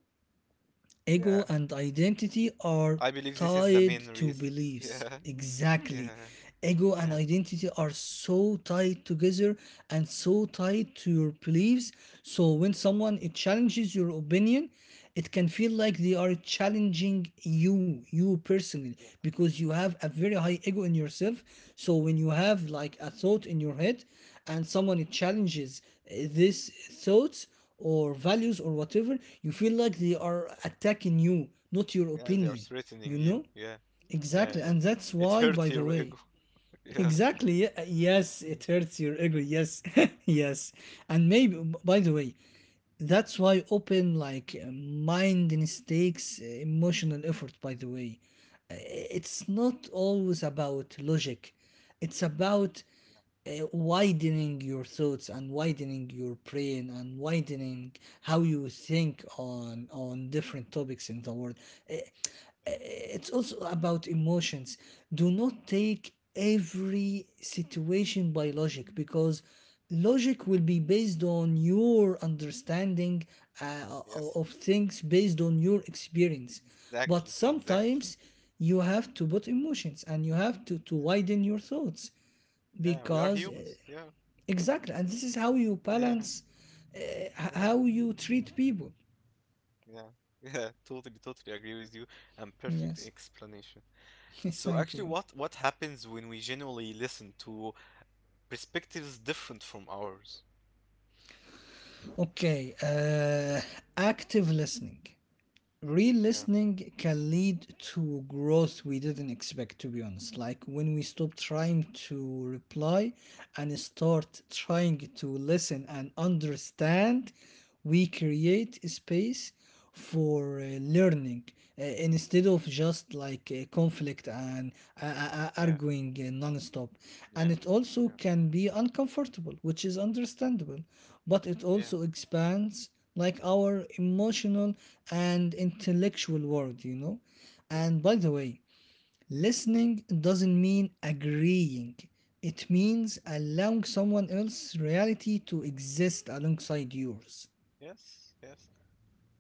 [SPEAKER 1] Ego
[SPEAKER 2] yeah.
[SPEAKER 1] and identity are
[SPEAKER 2] I believe this is the
[SPEAKER 1] tied
[SPEAKER 2] main
[SPEAKER 1] to
[SPEAKER 2] reason. [LAUGHS]
[SPEAKER 1] beliefs.
[SPEAKER 2] Yeah,
[SPEAKER 1] Exactly.
[SPEAKER 2] yeah,
[SPEAKER 1] Ego and
[SPEAKER 2] yeah.
[SPEAKER 1] identity are so tied together and so tied to your beliefs. So when someone it challenges your opinion, it can feel like they are challenging you, you personally, because you have a very high ego in yourself. So when you have like a thought in your head and someone it challenges this thought or values or whatever, you feel like they are attacking you, not your
[SPEAKER 2] Yeah, they are
[SPEAKER 1] opinion. You
[SPEAKER 2] threatening you.
[SPEAKER 1] know?
[SPEAKER 2] Yeah, yeah,
[SPEAKER 1] Exactly.
[SPEAKER 2] yeah.
[SPEAKER 1] And that's
[SPEAKER 2] It
[SPEAKER 1] why, by
[SPEAKER 2] hurt
[SPEAKER 1] the
[SPEAKER 2] your
[SPEAKER 1] way,
[SPEAKER 2] ego. [LAUGHS]
[SPEAKER 1] [LAUGHS]
[SPEAKER 2] Yeah.
[SPEAKER 1] exactly. Yes, it
[SPEAKER 2] Mm,
[SPEAKER 1] hurts your ego.
[SPEAKER 2] mm, mm,
[SPEAKER 1] Yes, [LAUGHS] yes. And maybe,
[SPEAKER 2] mm.
[SPEAKER 1] by the way, that's why open, like, mind mistakes emotional effort, by the way. It's not always about logic, it's about widening your thoughts and widening your brain and widening how you think on different topics in the world. Uh, uh, it's also about emotions. Do not take every situation by logic, because logic will be based on your understanding uh, o-
[SPEAKER 2] Yes,
[SPEAKER 1] of things based on your experience. But
[SPEAKER 2] exactly, exactly.
[SPEAKER 1] sometimes you
[SPEAKER 2] Yeah,
[SPEAKER 1] have to put emotions and you have to widen your thoughts,
[SPEAKER 2] yeah, yeah, we are
[SPEAKER 1] because
[SPEAKER 2] humans. Yeah,
[SPEAKER 1] exactly. And this is how you
[SPEAKER 2] [LAUGHS] yeah,
[SPEAKER 1] balance h-
[SPEAKER 2] yeah,
[SPEAKER 1] how you treat people.
[SPEAKER 2] yeah, yeah. Totally, totally agree with you. And perfect
[SPEAKER 1] Yes.
[SPEAKER 2] explanation.
[SPEAKER 1] [LAUGHS]
[SPEAKER 2] So
[SPEAKER 1] Thank
[SPEAKER 2] actually,
[SPEAKER 1] you.
[SPEAKER 2] what happens when we genuinely listen to perspectives different from ours?
[SPEAKER 1] Okay. Active listening. Real
[SPEAKER 2] Yeah,
[SPEAKER 1] listening can lead to growth we didn't expect, to be honest. Like when we stop trying to reply and start trying to listen and understand, we create a space for learning instead of just like conflict and arguing non-stop, and it also can be uncomfortable, which is understandable, but it also expands like our emotional and intellectual world, you know? And by the way, listening doesn't mean agreeing, it means allowing someone else's reality to exist alongside yours.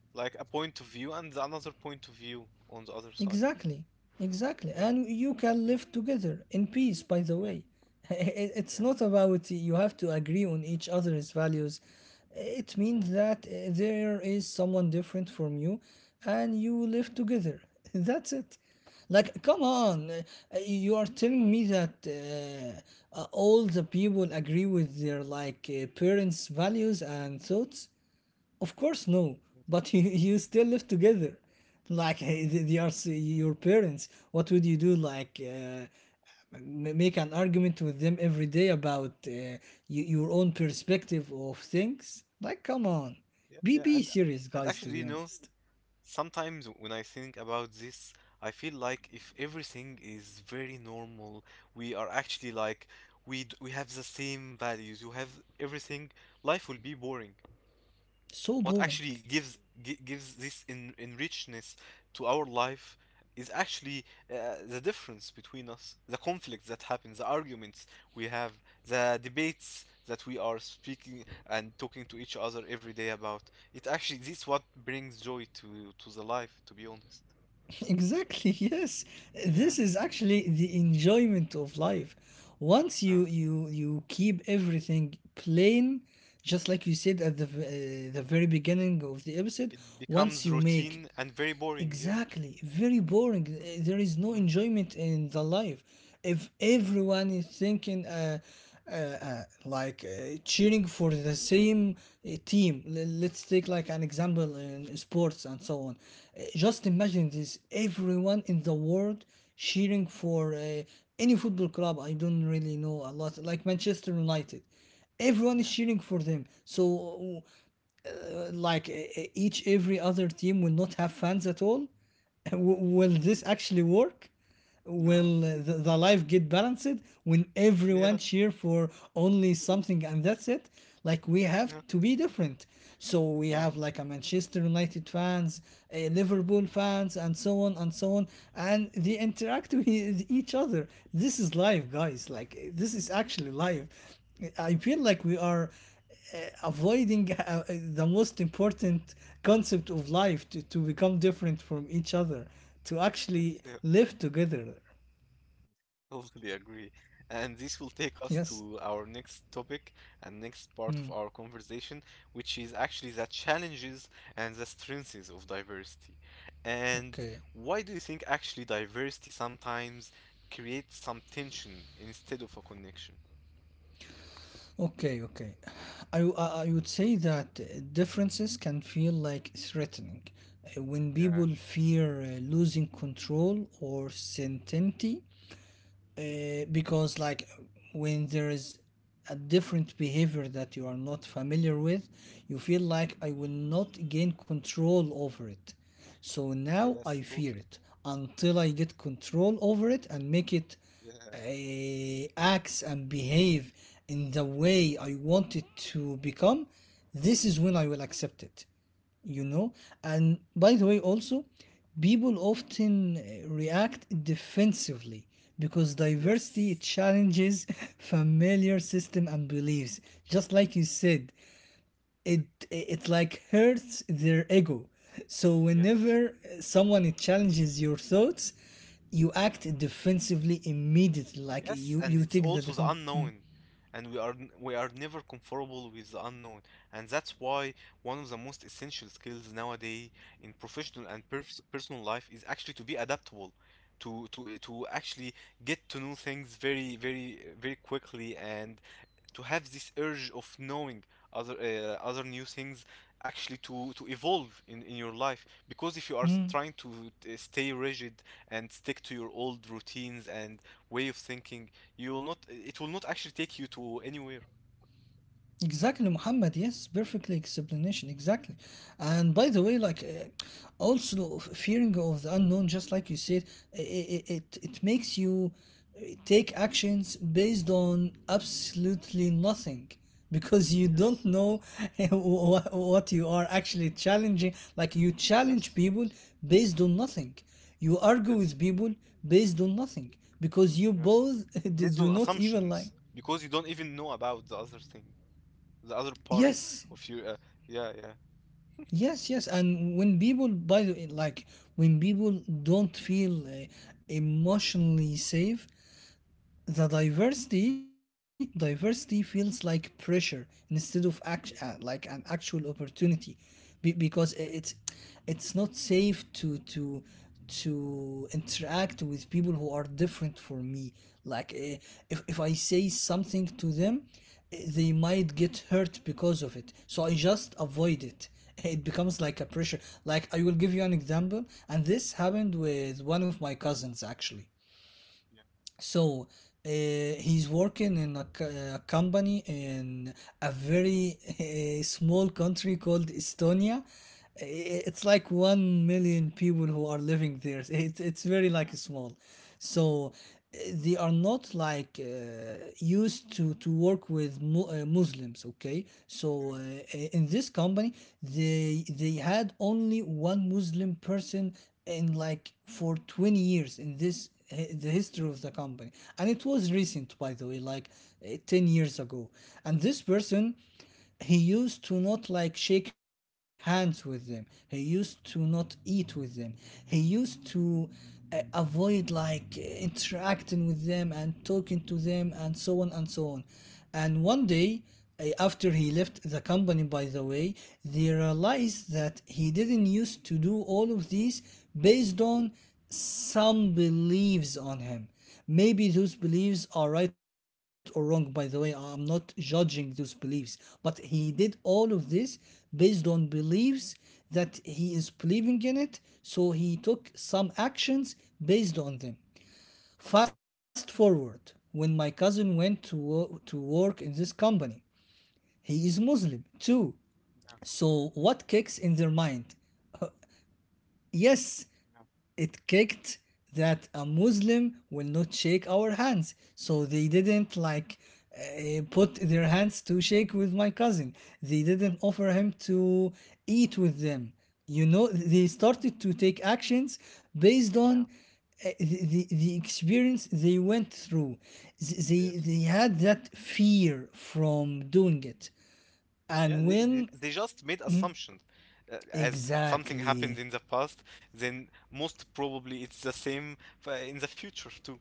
[SPEAKER 2] like a point of view and another point of view on the other side.
[SPEAKER 1] Exactly, exactly. And you can
[SPEAKER 2] Yeah,
[SPEAKER 1] live together in peace, by the
[SPEAKER 2] yeah,
[SPEAKER 1] way. [LAUGHS] It's
[SPEAKER 2] yeah.
[SPEAKER 1] not about you have to agree on each other's values. It means that there is someone different from you and you live together. [LAUGHS] That's it. Like, come on, you are telling me that all the people agree with their like parents' values and thoughts? Of course, no. But [LAUGHS] you still live together. Like hey, they are your parents. What would you do? Like make an argument with them every day about your own perspective of things? Like, come on.
[SPEAKER 2] Yeah,
[SPEAKER 1] Be
[SPEAKER 2] yeah,
[SPEAKER 1] be serious,
[SPEAKER 2] and
[SPEAKER 1] guys. To
[SPEAKER 2] actually,
[SPEAKER 1] be
[SPEAKER 2] you know,
[SPEAKER 1] honest,
[SPEAKER 2] sometimes when I think about this, I feel like if everything is very normal, we are actually like, we have the same values, you have everything, life will be boring.
[SPEAKER 1] so
[SPEAKER 2] What
[SPEAKER 1] boring.
[SPEAKER 2] actually gives this in richness to our life is actually the difference between us, the conflicts that happen, the arguments we have, the debates that we are speaking and talking to each other every day about. It actually, this is what brings joy to the life, to be honest.
[SPEAKER 1] [LAUGHS] Exactly, yes.
[SPEAKER 2] Yeah,
[SPEAKER 1] This is actually the enjoyment of life. Once you keep everything plain, just like you said at the the very beginning of the episode,
[SPEAKER 2] it
[SPEAKER 1] once
[SPEAKER 2] becomes
[SPEAKER 1] you make
[SPEAKER 2] routine and very boring. Yeah.
[SPEAKER 1] exactly. Very boring. There is no
[SPEAKER 2] Mm.
[SPEAKER 1] enjoyment in the life. If everyone is thinking, like cheering for the same team, let's take like an example in sports and so on. Just imagine this: everyone in the world cheering for any football club. I don't really know a lot, like Manchester United, everyone is cheering for them. So like each every other team will not have fans at all. Will this actually work? Will the life get balanced when everyone cheer for only something and that's it? Like we have to be different. So we have like a Manchester United fans, a Liverpool fans, and so on and so on, and they interact with each other. This is live, guys. Like this is actually live. I feel like we are uh, avoiding the most important concept of life to become different from each other, to actually
[SPEAKER 2] Yeah,
[SPEAKER 1] live together.
[SPEAKER 2] [LAUGHS] totally agree. And this will
[SPEAKER 1] Yes.
[SPEAKER 2] take us to our next topic and next part of our conversation, which is actually the challenges and the strengths of diversity. And
[SPEAKER 1] Okay.
[SPEAKER 2] why do you think actually diversity sometimes creates some tension instead of a connection?
[SPEAKER 1] Okay. I, w- I would say that differences can feel like threatening. When
[SPEAKER 2] Yeah.
[SPEAKER 1] people fear losing control or certainty because like when there is a different behavior that you are not familiar with, you feel like I will not gain control over it, so now
[SPEAKER 2] Yes,
[SPEAKER 1] I fear
[SPEAKER 2] totally.
[SPEAKER 1] it until I get control over it and make it acts and behave in the way I want it to become. This is when I will accept it, you know. And by the way, also people often react defensively, because diversity
[SPEAKER 2] Yes.
[SPEAKER 1] challenges [LAUGHS] familiar system and beliefs, just like you said. It like hurts their ego. So whenever someone challenges your thoughts, you act defensively immediately, like
[SPEAKER 2] Yes,
[SPEAKER 1] you
[SPEAKER 2] and
[SPEAKER 1] you
[SPEAKER 2] it's
[SPEAKER 1] take the
[SPEAKER 2] also the
[SPEAKER 1] defense. Hmm.
[SPEAKER 2] unknown, and we are never comfortable with the unknown, and that's why one of the most essential skills nowadays in professional and pers personal life is actually to be adaptable, to actually get to know things very quickly and to have this urge of knowing other new things actually to evolve in your life because if you are
[SPEAKER 1] Hmm.
[SPEAKER 2] trying to stay rigid and stick to your old routines and way of thinking you will not, it will not actually take you to anywhere
[SPEAKER 1] Exactly, Muhammad. Yes, perfectly explanation. Exactly. And by the way, like also fearing of the unknown, just like you said, it makes you take actions based on absolutely nothing, because you don't know [LAUGHS] what you are actually challenging. Like you challenge people based on nothing. You argue with people based on nothing because you both [LAUGHS] do
[SPEAKER 2] based
[SPEAKER 1] do
[SPEAKER 2] on
[SPEAKER 1] not even like
[SPEAKER 2] assumptions, because you don't even know about the other thing, the other part
[SPEAKER 1] yes.
[SPEAKER 2] of your yeah.
[SPEAKER 1] Yes, yes, and when people, by the way, like when people don't feel emotionally safe, the diversity feels like pressure instead of act, like an actual opportunity. Because it's it's not safe to interact with people who are different from me. Like if I say something to them, they might get hurt because of it, so I just avoid it. [LAUGHS] It becomes like a pressure. Like I will give you an example, and this happened with one of my cousins actually. So he's working in a, a company in a very [LAUGHS] small country called Estonia. It's like 1 million people who are living there. [LAUGHS] It's very like small. So they are not like used to work with Muslims, okay? So in this company, they had only one Muslim person in like for 20 years in this the history of the company. And it was recent, by the way, like eh, 10 years ago. And this person, he used to not like shake hands with them, he used to not eat with them, he used to avoid like interacting with them and talking to them and so on and so on. And one day after he left the company, by the way, they realized that he didn't used to do all of these based on some beliefs on him. Maybe those beliefs are right or wrong, by the way. I'm not judging those beliefs, but he did all of this based on beliefs that he is believing in it, so he took some actions based on them. Fast forward, when my cousin went to, to work in this company, he is Muslim too. So what kicks in their mind? Yes, it kicked that a Muslim will not shake our hands. So they didn't like put their hands to shake with my cousin. They didn't offer him to eat with them. You know, they started to take actions based on the experience they went through. They had that fear from doing it.
[SPEAKER 2] Yeah,
[SPEAKER 1] And
[SPEAKER 2] they, they
[SPEAKER 1] when
[SPEAKER 2] they just made assumptions. As something happened
[SPEAKER 1] exactly,
[SPEAKER 2] in the past, then most probably it's the same in the future too.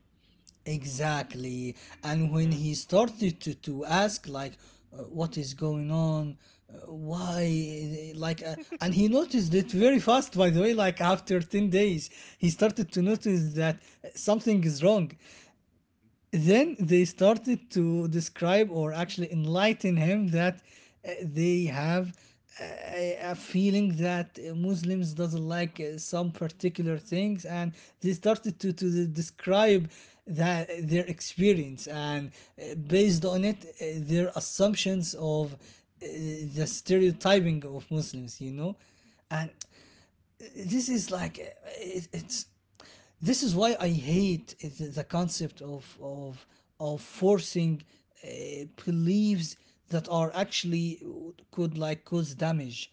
[SPEAKER 1] exactly. And when
[SPEAKER 2] Yeah,
[SPEAKER 1] he started to ask, like, what is going on? Why? Like, and he noticed it very fast, by the way, like after 10 days, he started to notice that something is wrong. Then they started to describe or actually enlighten him that they have a feeling that Muslims doesn't like some particular things, and they started to describe that their experience, and based on it, their assumptions of the stereotyping of Muslims, you know. And this is like it, it's this is why I hate the concept of of forcing beliefs that are actually could like cause damage.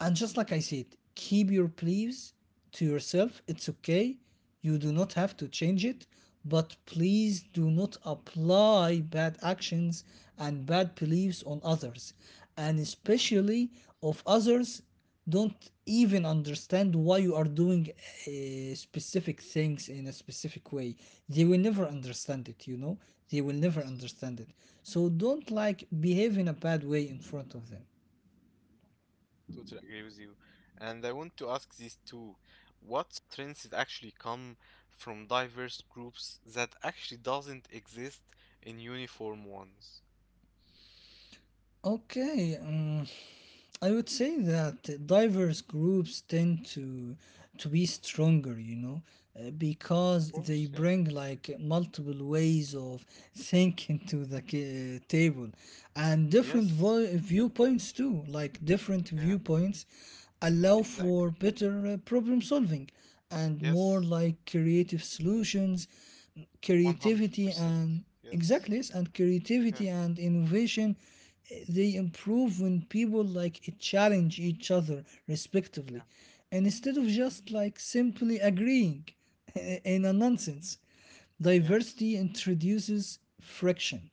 [SPEAKER 1] And just like I said, keep your beliefs to yourself. It's okay. You do not have to change it. But please do not apply bad actions and bad beliefs on others. And especially of others don't even understand why you are doing specific things in a specific way. They will never understand it, you know? They will never understand it. So don't behave in a bad way in front of them.
[SPEAKER 2] totally agree with you. And I want to ask these two, what trends actually come from diverse groups that actually doesn't exist in uniform ones?
[SPEAKER 1] Okay. I would say that diverse groups tend to be stronger, you know, because they bring like multiple ways of thinking to the table, and different viewpoints too. Like different viewpoints allow for better problem solving and more like creative solutions, creativity and exactly, yes, and creativity and innovation they improve when people like challenge each other respectively and instead of just like simply agreeing [LAUGHS] in a nonsense. Diversity introduces friction,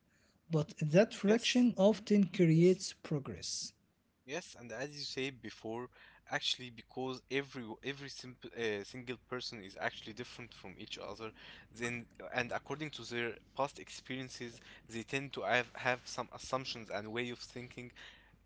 [SPEAKER 1] but that
[SPEAKER 2] Yes,
[SPEAKER 1] friction often
[SPEAKER 2] yes,
[SPEAKER 1] creates progress.
[SPEAKER 2] yes, and as you said before, actually, because every simple single person is actually different from each other, then, and according to their past experiences, they tend to have some assumptions and way of thinking.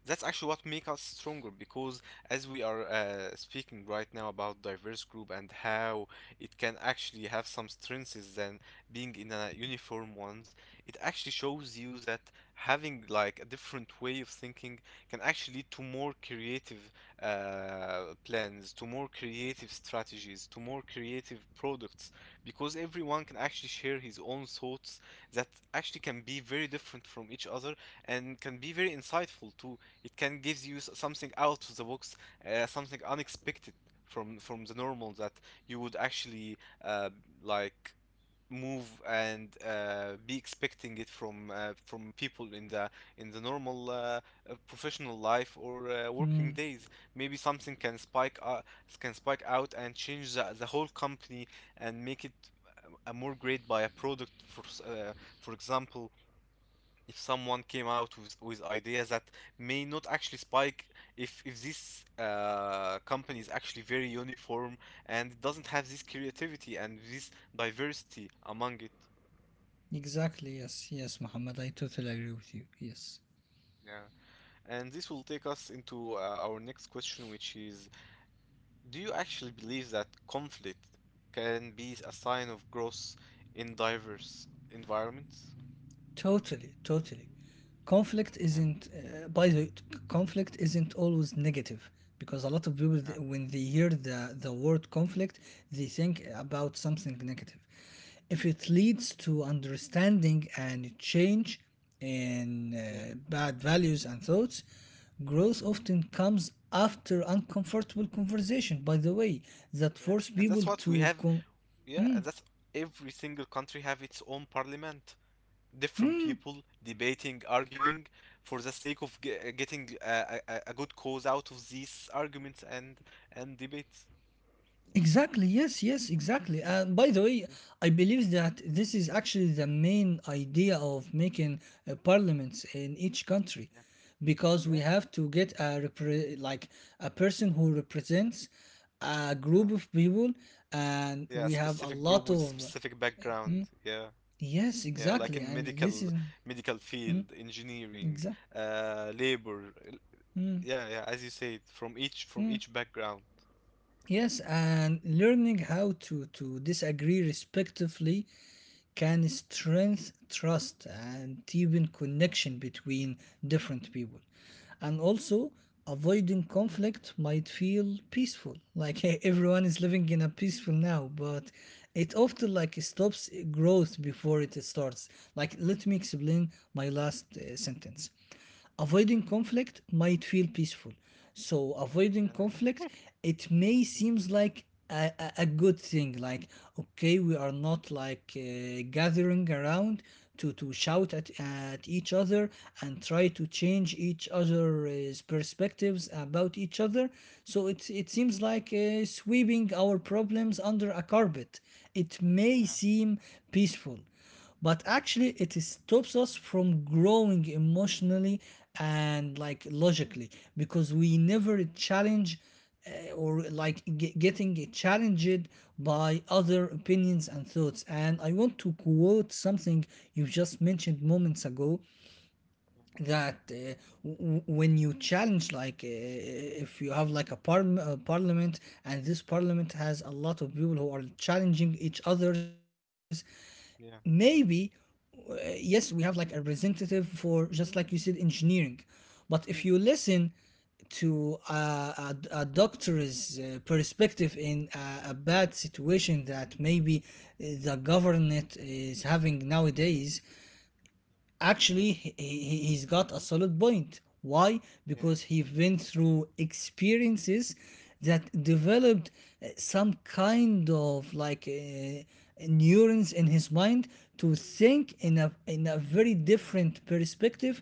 [SPEAKER 2] That's actually what make us stronger because as we are speaking right now about diverse group and how it can actually have some strengths than being in a uniform ones, it actually shows you that having like a different way of thinking can actually lead to more creative plans, to more creative strategies, to more creative products, because everyone can actually share his own thoughts that actually can be very different from each other and can be very insightful too. It can give you something out of the box, something unexpected from the normal that you would actually uh, like move and be expecting it from people in the normal professional life or working
[SPEAKER 1] Mm,
[SPEAKER 2] days. Maybe something can spike out and change the whole company and make it a more great by a product for example, if someone came out with ideas that may not actually spike if this company is actually very uniform and doesn't have this creativity and this diversity among it.
[SPEAKER 1] exactly, yes, yes, Muhammad, I totally agree with you. Yes.
[SPEAKER 2] Yeah, and this will take us into our next question, which is, do you actually believe that conflict can be a sign of growth in diverse environments?
[SPEAKER 1] Totally, totally. Conflict
[SPEAKER 2] Yeah,
[SPEAKER 1] isn't, by the way, conflict isn't always negative because a lot of people, when they hear the word conflict, they think about something negative. If it leads to understanding and change in bad values and thoughts, growth often comes after uncomfortable conversation, by the way, that force
[SPEAKER 2] and
[SPEAKER 1] people
[SPEAKER 2] that's what we
[SPEAKER 1] to.
[SPEAKER 2] have.
[SPEAKER 1] Con-
[SPEAKER 2] Yeah, and that's, every single country have its own parliament, different people debating, arguing, for the sake of getting a good cause out of these arguments and debates.
[SPEAKER 1] Exactly. Yes. Yes. Exactly. And by the way, I believe that this is actually the main idea of making parliaments in each country, because we have to get a like a person who represents a group
[SPEAKER 2] Yeah,
[SPEAKER 1] of people, and
[SPEAKER 2] yeah,
[SPEAKER 1] we have a
[SPEAKER 2] specific group
[SPEAKER 1] lot
[SPEAKER 2] with
[SPEAKER 1] of
[SPEAKER 2] specific background. Yeah,
[SPEAKER 1] yes,
[SPEAKER 2] yeah, like
[SPEAKER 1] exactly.
[SPEAKER 2] in
[SPEAKER 1] And this is
[SPEAKER 2] medical field, engineering,
[SPEAKER 1] exact.
[SPEAKER 2] labor. Yeah, yeah, as you said, from
[SPEAKER 1] mm,
[SPEAKER 2] each background.
[SPEAKER 1] Yes, and learning how to disagree respectively can strengthen trust and deepen connection between different people. And also, avoiding conflict might feel peaceful, like [LAUGHS] everyone is living in a peaceful now, but it often like stops growth before it starts. Like, let me explain my last sentence, avoiding conflict might feel peaceful, so avoiding conflict, it may seems like a good thing, like okay, we are not like gathering around to shout at each other and try to change each other's perspectives about each other, so it seems like sweeping our problems under a carpet. It may seem peaceful, but actually it stops us from growing emotionally and like logically, because we never challenge or like getting challenged by other opinions and thoughts. And I want to quote something you just mentioned moments ago, that w- when you challenge, like if you have like a a parliament, and this parliament has a lot of people who are challenging each others, maybe uh, yes, we have like a representative for, just like you said, engineering. But if you listen to a doctor's perspective in a bad situation that maybe the government is having nowadays, actually he's got a solid point. Why? Because he went through experiences that developed some kind of like neurons in his mind to think in a very different perspective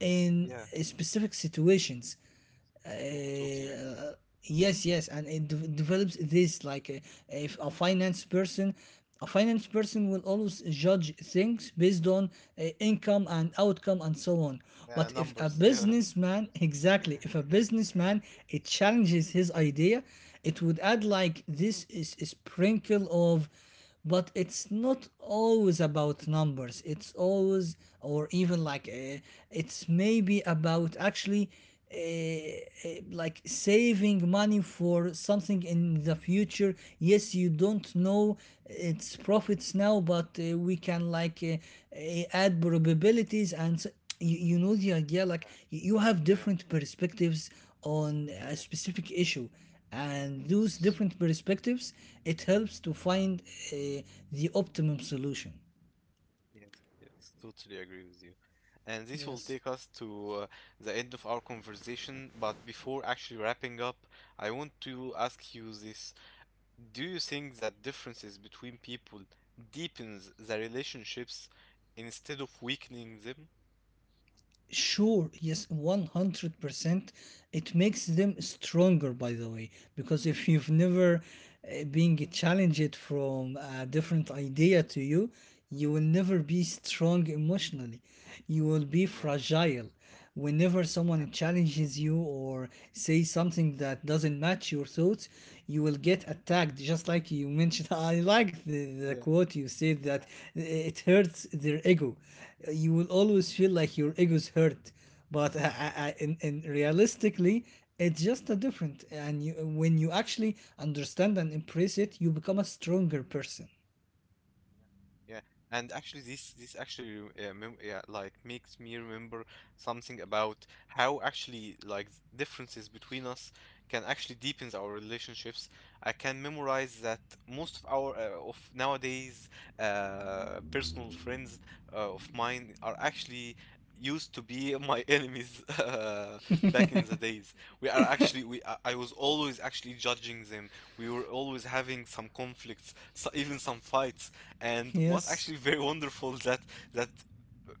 [SPEAKER 1] in specific situations. uh, yes, yes, and it develops this, like if a finance person, a finance person will always judge things based on income and outcome and so on. But if a
[SPEAKER 2] Numbers, [LAUGHS] yeah.
[SPEAKER 1] businessman, exactly, if a businessman, it challenges his idea, it would add like this is a sprinkle of, but it's not always about numbers, it's always, or even like it's maybe about actually like saving money for something in the future. Yes, you don't know its profits now, but we can like add probabilities and s- you know the idea, like you have different perspectives on a specific issue, and those different perspectives, it helps to find uh, the optimum solution.
[SPEAKER 2] Yes, yes, totally agree with you. And this will
[SPEAKER 1] Yes.
[SPEAKER 2] take us to the end of our conversation. But before actually wrapping up, I want to ask you this. Do you think that differences between people deepens the relationships instead of weakening them?
[SPEAKER 1] Sure, yes, 100% it makes them stronger, by the way, because if you've never been challenged from a different idea to you, you will never be strong emotionally, you will be fragile. Whenever someone challenges you or says something that doesn't match your thoughts, you will get attacked. Just like you mentioned, [LAUGHS] I like the quote you said, that it hurts their ego. You will always feel like your ego is hurt, but in realistically, it's just a different. And you, when you actually understand and embrace it, you become a stronger person.
[SPEAKER 2] Yeah, and actually, this actually rem- mem yeah, like makes me remember something about how actually like differences between us can actually deepens our relationships. I can memorize that most of our of nowadays personal friends of mine are actually used to be my [LAUGHS] enemies back in the days. We are actually we I was always actually judging them. We were always having some conflicts, so even some fights, and what
[SPEAKER 1] Yes,
[SPEAKER 2] actually [LAUGHS] very wonderful is that, that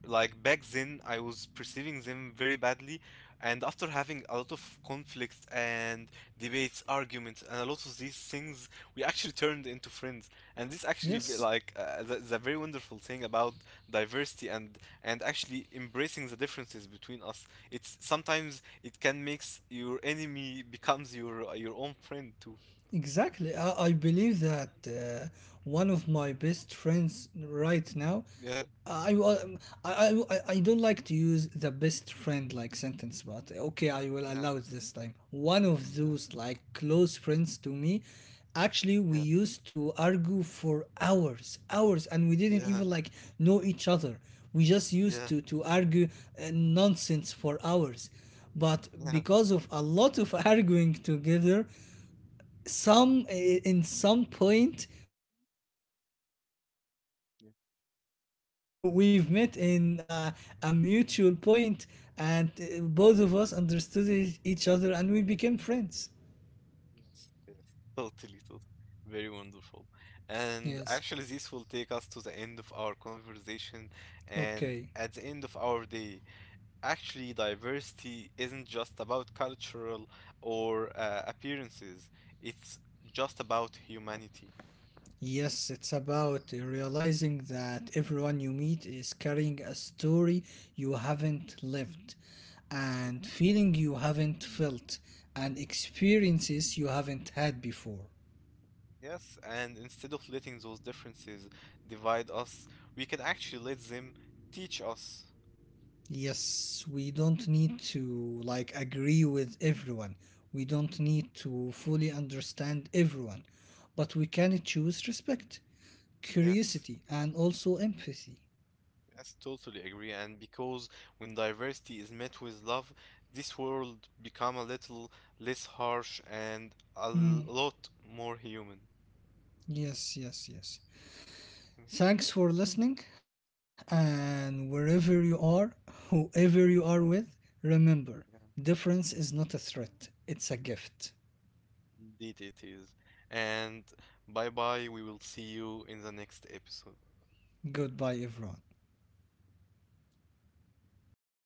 [SPEAKER 2] like back then I was perceiving them very badly, and after having a lot of conflicts and debates, arguments, and a lot of these things, we actually turned into friends. And this actually be
[SPEAKER 1] yes.
[SPEAKER 2] like the very wonderful thing about diversity and actually embracing the differences between us. It's sometimes it can makes your enemy becomes your own friend too.
[SPEAKER 1] Exactly. I believe that one of my best friends right now,
[SPEAKER 2] Yeah,
[SPEAKER 1] I, wa- I don't like to use the best friend like sentence, but okay, I will
[SPEAKER 2] yeah,
[SPEAKER 1] allow it this time. One of
[SPEAKER 2] yeah,
[SPEAKER 1] those like close friends to me, actually,
[SPEAKER 2] yeah,
[SPEAKER 1] we used to argue for hours, hours, and we didn't
[SPEAKER 2] yeah,
[SPEAKER 1] even like know each other. We just used
[SPEAKER 2] yeah,
[SPEAKER 1] to argue nonsense for hours, but
[SPEAKER 2] yeah.
[SPEAKER 1] because of a lot of [LAUGHS] arguing together, in some point we understood each other, finally, like eventually we've met in a mutual point, and both of us understood each other and we became friends.
[SPEAKER 2] Yes, yes, totally, totally. Very wonderful. And
[SPEAKER 1] Yes.
[SPEAKER 2] actually, this will take us to the end of our conversation. And
[SPEAKER 1] Okay.
[SPEAKER 2] at the end of our day, actually, diversity isn't just about cultural or appearances, it's just about humanity.
[SPEAKER 1] Yes, it's about realizing that everyone you meet is carrying a story you haven't lived,
[SPEAKER 2] Yeah,
[SPEAKER 1] and feeling you haven't felt, and experiences you haven't had before.
[SPEAKER 2] yes, and instead of letting those differences divide us, we can actually let them teach us.
[SPEAKER 1] Yes, we don't need to like agree with everyone. We don't need to fully understand everyone, but we can choose respect,
[SPEAKER 2] Yes,
[SPEAKER 1] curiosity, and also empathy.
[SPEAKER 2] yes, totally agree. And because when diversity is met with love, this world become a little less harsh and a
[SPEAKER 1] Hmm.
[SPEAKER 2] lot more human. [LAUGHS]
[SPEAKER 1] Yes, yes, yes. Thanks for listening, and wherever you are, whoever you are
[SPEAKER 2] Mm,
[SPEAKER 1] with, remember,
[SPEAKER 2] yeah, yeah,
[SPEAKER 1] difference is not a threat, it's a gift.
[SPEAKER 2] indeed it is. And bye bye, we will see you in the next episode.
[SPEAKER 1] Goodbye, everyone.